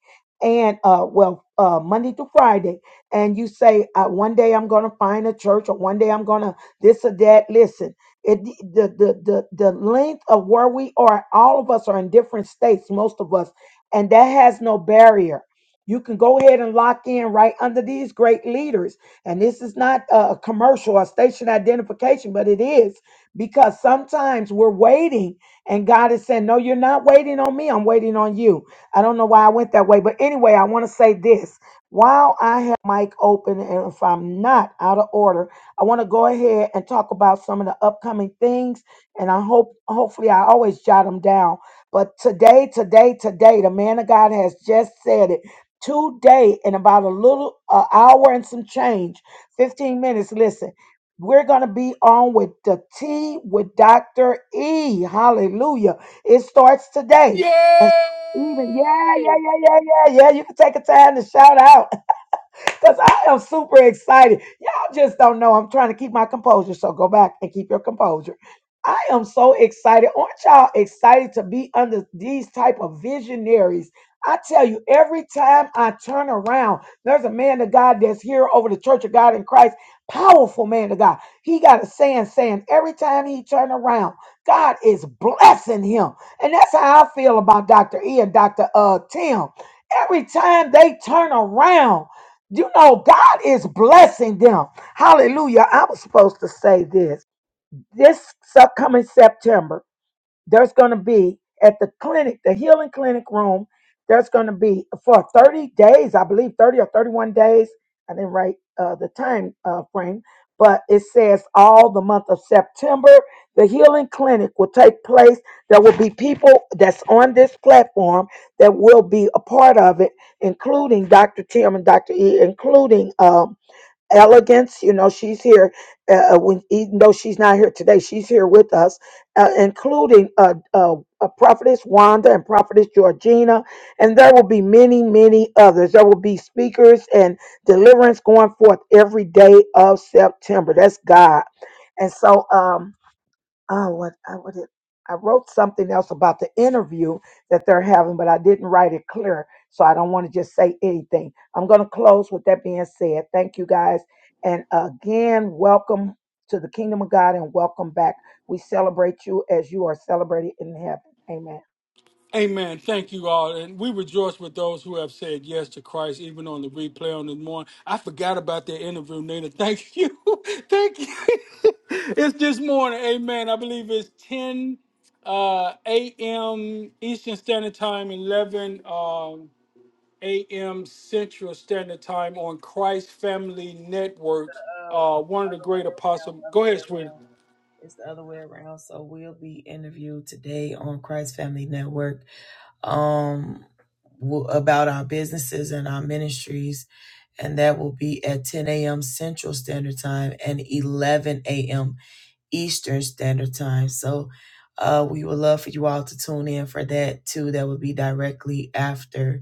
Speaker 5: and uh, well, uh, Monday to Friday, and you say, uh, "One day I'm going to find a church, or one day I'm going to this or that." Listen, it the, the the the length of where we are. All of us are in different states, most of us, and that has no barrier. You can go ahead and lock in right under these great leaders. And this is not a a commercial or station identification, but it is because sometimes we're waiting and God is saying, No, you're not waiting on me. I'm waiting on you. I don't know why I went that way. But anyway, I want to say this. While I have mic open, and if I'm not out of order, I want to go ahead and talk about some of the upcoming things. And I hope, hopefully, I always jot them down. But today, today, today, the man of God has just said it. Today, in about a little uh, hour and some change, 15 minutes. Listen we're going to be on with the T with Dr. E. Hallelujah. It starts today. And so even, yeah, yeah, yeah, yeah, yeah, yeah. You can take a time to shout out. Because I am super excited. Y'all just don't know. I'm trying to keep my composure. So go back and keep your composure. I am so excited. Aren't y'all excited to be under these type of visionaries? I tell you, every time I turn around, there's a man of God that's here over the Church of God in Christ, powerful man of God. He got a saying, saying every time he turn around, God is blessing him, and that's how I feel about Doctor E and Doctor Uh Tim. Every time they turn around. You know, God is blessing them. Hallelujah. I was supposed to say this. This sep- coming September there's going to be at the clinic, the healing clinic room, there's going to be for 30 days, I believe 30 or 31 days. I didn't write uh, the time uh, frame, but it says all the month of September, the healing clinic will take place. There will be people that's on this platform that will be a part of it, including Dr. Tim and Dr. E, including uh, elegance. You know, she's here. Uh, uh, when, even though she's not here today, she's here with us, uh, including uh, uh, uh, prophetess Wanda and prophetess Georgina, and there will be many, many others. There will be speakers and deliverance going forth every day of September. That's God, and so um, oh what I what it, I wrote something else about the interview that they're having, but I didn't write it clear, so I don't want to just say anything. I'm going to close with that being said. Thank you guys, and again, welcome to the kingdom of God and welcome back. We celebrate you as you are celebrated in heaven. Amen.
Speaker 1: Amen. Thank you all. And we rejoice with those who have said yes to Christ, even on the replay on this morning. I forgot about that interview, Nina. Thank you. Thank you. it's this morning. Amen. I believe it's 10 uh, a.m. Eastern Standard Time, 11 um, a.m. Central Standard Time on Christ Family Network.
Speaker 2: Oh,
Speaker 1: Uh, one of the
Speaker 2: other way
Speaker 1: great
Speaker 2: around,
Speaker 1: apostles. Go
Speaker 2: other way
Speaker 1: ahead, sweetie.
Speaker 2: around. It's the other way around. So we'll be interviewed today on Christ Family Network um w- about our businesses and our ministries and that will be at 10 a.m. Central Standard Time and 11 a.m. Eastern Standard Time. So uh, we would love for you all to tune in for that too. That would be directly after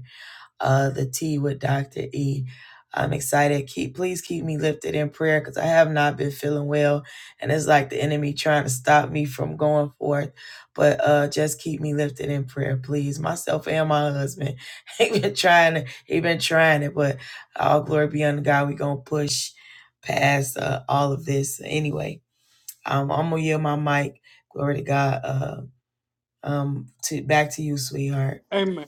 Speaker 2: uh, the T with Dr. E. I'm excited. Keep please keep me lifted in prayer because I have not been feeling well, and it's like the enemy trying to stop me from going forth. But uh, just keep me lifted in prayer, please. Myself and my husband, he been trying to, he been trying it, but all glory be unto God. We gonna push past uh, all of this anyway. Um, I'm gonna yield my mic. Glory to God. Uh, um, to back to you, sweetheart.
Speaker 1: Amen.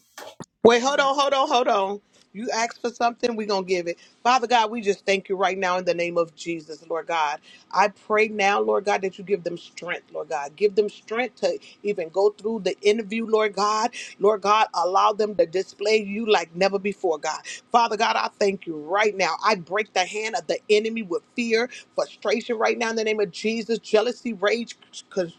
Speaker 4: Wait, hold on, hold on, hold on. You ask for something, we're going to give it. Father God, we just thank you right now in the name of Jesus, Lord God. I pray now, Lord God, that you give them strength, Lord God. Give them strength to even go through the interview, Lord God. Lord God, allow them to display you like never before, God. Father God, I thank you right now. I break the hand of the enemy with fear, frustration right now in the name of Jesus, jealousy, rage, con-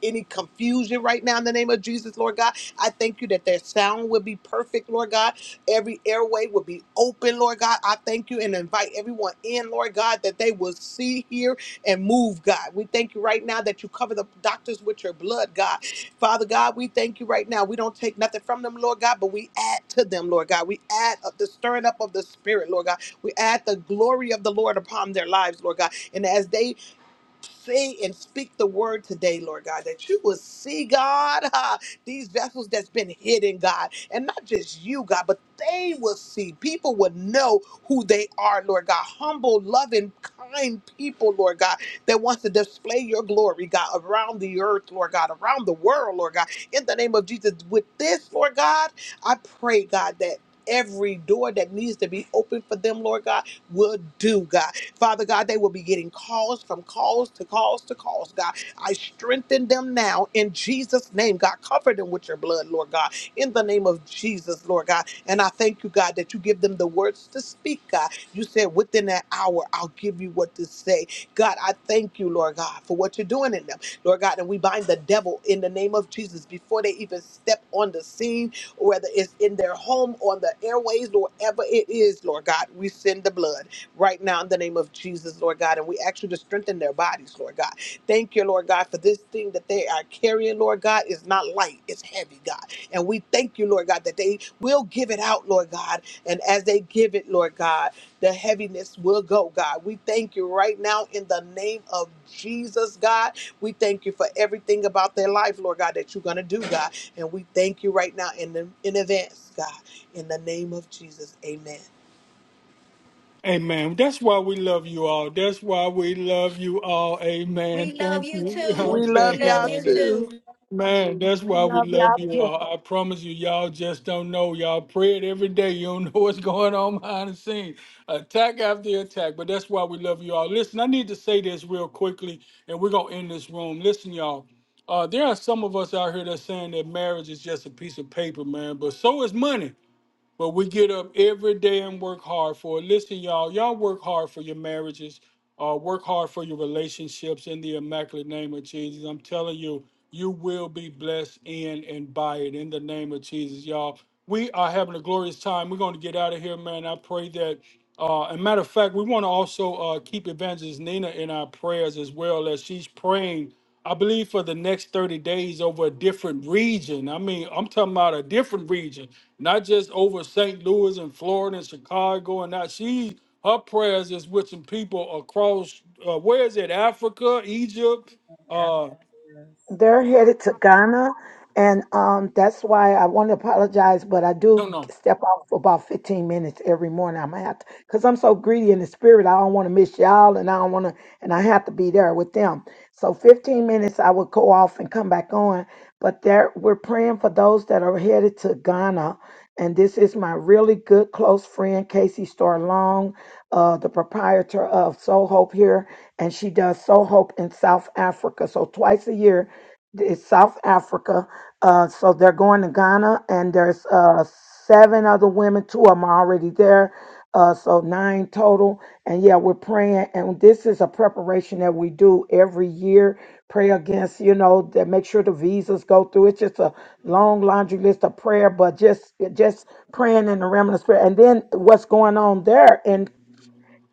Speaker 4: any confusion right now in the name of Jesus, Lord God. I thank you that their sound will be perfect, Lord God. Every airway will be open, Lord God. I thank you and invite everyone in, Lord God, that they will see, hear, and move, God. We thank you right now that you cover the doctors with your blood, God. Father God, we thank you right now. We don't take nothing from them, Lord God, but we add to them, Lord God. We add up the stirring up of the Spirit, Lord God. We add the glory of the Lord upon their lives, Lord God. And as they say and speak the word today, Lord God, that you will see, God, ah, these vessels that's been hidden, God, and not just you, God, but they will see. People will know who they are, Lord God. Humble, loving, kind people, Lord God, that wants to display your glory, God, around the earth, Lord God, around the world, Lord God. In the name of Jesus, with this, Lord God, I pray, God, that every door that needs to be open for them, Lord God, will do, God. Father God, they will be getting calls from calls to calls to calls, God. I strengthen them now in Jesus' name, God. Cover them with your blood, Lord God, in the name of Jesus, Lord God. And I thank you, God, that you give them the words to speak, God. You said within that hour, I'll give you what to say. God, I thank you, Lord God, for what you're doing in them, Lord God. And we bind the devil in the name of Jesus before they even step on the scene, whether it's in their home, on the airways, or wherever it is, Lord God. We send the blood right now in the name of Jesus, Lord God. And we ask you to strengthen their bodies, Lord God. Thank you, Lord God, for this thing that they are carrying, Lord God, is not light, it's heavy, God. And we thank you, Lord God, that they will give it out, Lord God. And as they give it, Lord God, the heaviness will go, God. We thank you right now in the name of Jesus, God. We thank you for everything about their life, Lord God, that you're going to do, God. And we thank you right now in, the, in advance, God. In the name of Jesus, amen.
Speaker 1: Amen. That's why we love you all. That's why we love you all. Amen.
Speaker 3: We love
Speaker 1: Thank
Speaker 3: you
Speaker 1: you.
Speaker 4: We
Speaker 3: too. We
Speaker 1: Okay,
Speaker 4: love
Speaker 3: love
Speaker 4: y'all
Speaker 3: you
Speaker 1: man.
Speaker 4: too.
Speaker 3: too.
Speaker 1: Man, that's
Speaker 5: We
Speaker 1: why we
Speaker 5: love
Speaker 1: love you
Speaker 5: y'all
Speaker 1: all. I promise you, y'all just don't know. Y'all pray it every day. You don't know what's going on behind the scenes. Attack after attack. But that's why we love you all. Listen, I need to say this real quickly, and we're gonna end this room. Listen, y'all. Uh, there are some of us out here that's saying that marriage is just a piece of paper, man, but so is money. But we get up every day and work hard for it. Listen, y'all, y'all work hard for your marriages, uh, work hard for your relationships in the immaculate name of Jesus. I'm telling you, you will be blessed in and by it in the name of Jesus, y'all. We are having a glorious time. We're going to get out of here, man. I pray that. Uh, and matter of fact, we want to also uh, keep Evangelist Nina in our prayers as well as she's praying I believe for the next 30 days over a different region. I mean, I'm talking about a different region, not just over St. Louis and Florida and Chicago and that. She, her prayers is with some people across, uh, where is it? Africa, Egypt? Uh,
Speaker 5: They're headed to Ghana, and um, that's why I want to apologize, but I
Speaker 1: no,
Speaker 5: do
Speaker 1: no.
Speaker 5: step off for about 15 minutes every morning. I'm gonna have to, because I'm so greedy in the spirit. I don't want to miss y'all, and I don't want to, and I have to be there with them. So 15 minutes, I would go off and come back on. But there, we're praying for those that are headed to Ghana, and this is my really good close friend Casey Starlong, uh, the proprietor of Soul Hope here, and she does Soul Hope in South Africa. So twice a year it's South Africa. Uh, so they're going to Ghana, and there's uh, seven other women. Two of them are already there, uh, so nine total. And yeah, we're praying, and this is a preparation that we do every year. Pray against, you know, that make sure the visas go through. It's just a long laundry list of prayer, but just just praying in the realm of the spirit. And then what's going on there?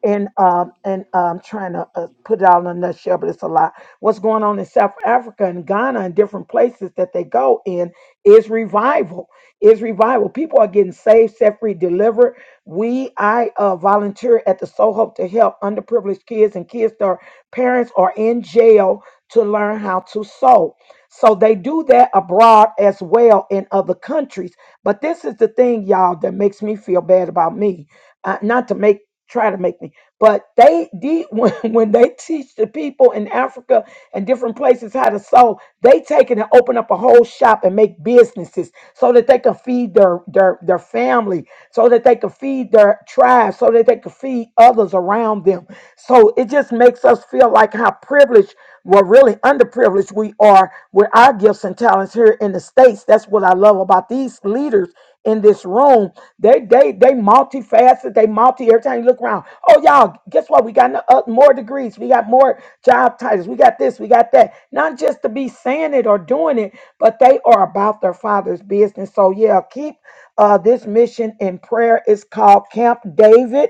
Speaker 5: and um and um trying to uh, put it out in a nutshell, but it's a lot. What's going on in South Africa and Ghana and different places that they go in is revival. Is revival. People are getting saved, set free, delivered. We I uh, volunteer at the So Hope to help underprivileged kids and kids that are parents are in jail to learn how to sow. So they do that abroad as well in other countries. But this is the thing, y'all, that makes me feel bad about me. Uh, not to make try to make me but they did when, when they teach the people in Africa and different places how to sew, they take it and open up a whole shop and make businesses so that they can feed their their their family, so that they can feed their tribe, so that they can feed others around them. So it just makes us feel like how privileged, well, really underprivileged we are with our gifts and talents here in the States. That's what I love about these leaders in this room. They they they multifaceted. They multi. Every time you look around, oh y'all, guess what? We got no- uh, more degrees. We got more job titles. We got this. We got that. Not just to be saying it or doing it, but they are about their father's business. So yeah, keep uh, this mission in prayer. It's called Camp David,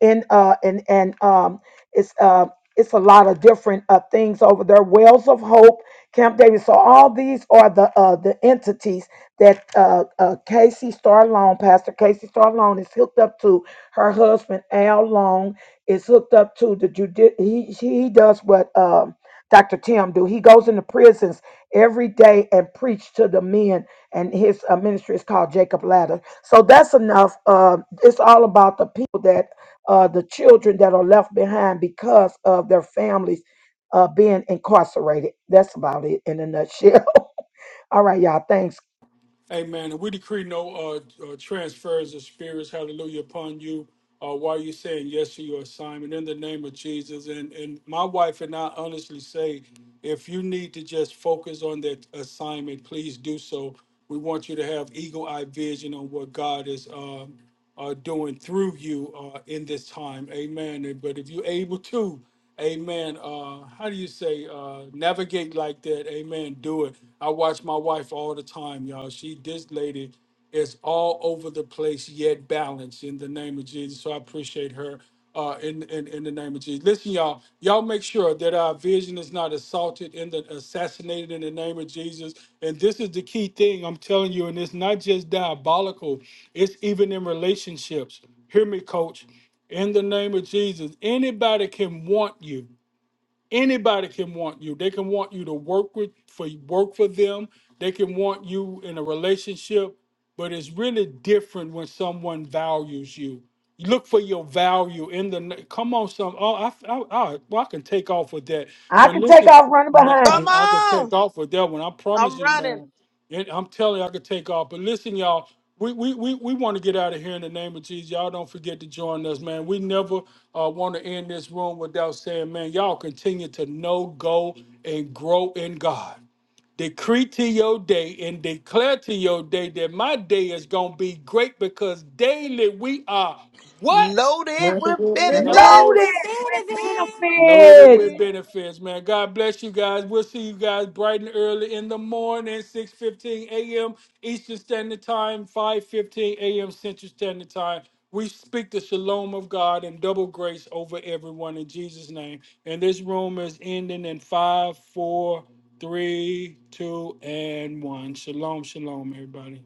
Speaker 5: and uh and and um it's uh it's a lot of different uh, things over there. Wells of Hope, Camp David. So all these are the uh, the entities that uh, uh, Casey Star Long, Pastor Casey Star Long, is hooked up to her husband Al Long. Is hooked up to the judi- he he does what um, Dr. Tim do. He goes into prisons every day and preach to the men, and his uh, ministry is called Jacob Ladder. So that's enough. Uh, it's all about the people that uh, the children that are left behind because of their families uh, being incarcerated. That's about it in a nutshell. all right, y'all. Thanks.
Speaker 1: Amen. And we decree no uh, uh, transfers of spirits, hallelujah, upon you uh, while you're saying yes to your assignment in the name of Jesus. And, and my wife and I honestly say, if you need to just focus on that assignment, please do so. We want you to have eagle eye vision on what God is. um, uh, doing through you uh, in this time. Amen. And- But if you're able to, amen, uh, how do you say, uh, navigate like that? Amen. Do it. I watch my wife all the time, y'all. She, this lady is all over the place, yet balanced in the name of Jesus. So I appreciate her uh, in, in in the name of Jesus. Listen, y'all, y'all make sure that our vision is not assaulted and the, assassinated in the name of Jesus. And this is the key thing I'm telling you, and it's not just diabolical; it's even in relationships. Hear me, Coach. In the name of Jesus, anybody can want you. Anybody can want you. They can want you to work with for work for them. They can want you in a relationship, but it's really different when someone values you. You Look for your value in the. Come on, some. Oh, I, I, I, well, I can take off with that.
Speaker 5: I
Speaker 1: But
Speaker 5: can take
Speaker 1: listen,
Speaker 5: off running
Speaker 1: man,
Speaker 5: behind
Speaker 1: I,
Speaker 4: Come
Speaker 5: you.
Speaker 1: I can
Speaker 4: on!
Speaker 1: take off with that one. I promise
Speaker 4: I'm
Speaker 1: you,
Speaker 4: running
Speaker 1: man. And I'm telling you, I could take off. But listen, y'all, we we we, we want to get out of here in the name of Jesus. Y'all don't forget to join us, man. We never uh, want to end this room without saying, man, y'all continue to know, go, and grow in God. Decree to your day and declare to your day that my day is gonna be great because daily we are what?
Speaker 4: loaded with
Speaker 3: Loaded
Speaker 6: Mother,
Speaker 5: Loaded
Speaker 4: benefits.
Speaker 3: with
Speaker 5: with
Speaker 3: benefits.
Speaker 1: Loaded
Speaker 5: benefits.
Speaker 2: Happiness.
Speaker 1: with benefits, man. God bless you guys. We'll see you guys bright and early in the morning, 6.15 a.m. Eastern Standard Time, 5.15 a.m. Central Standard Time. We speak the shalom of God and double grace over everyone in Jesus' name. And this room is ending in five, four, three, two, and 1. Shalom, shalom, everybody.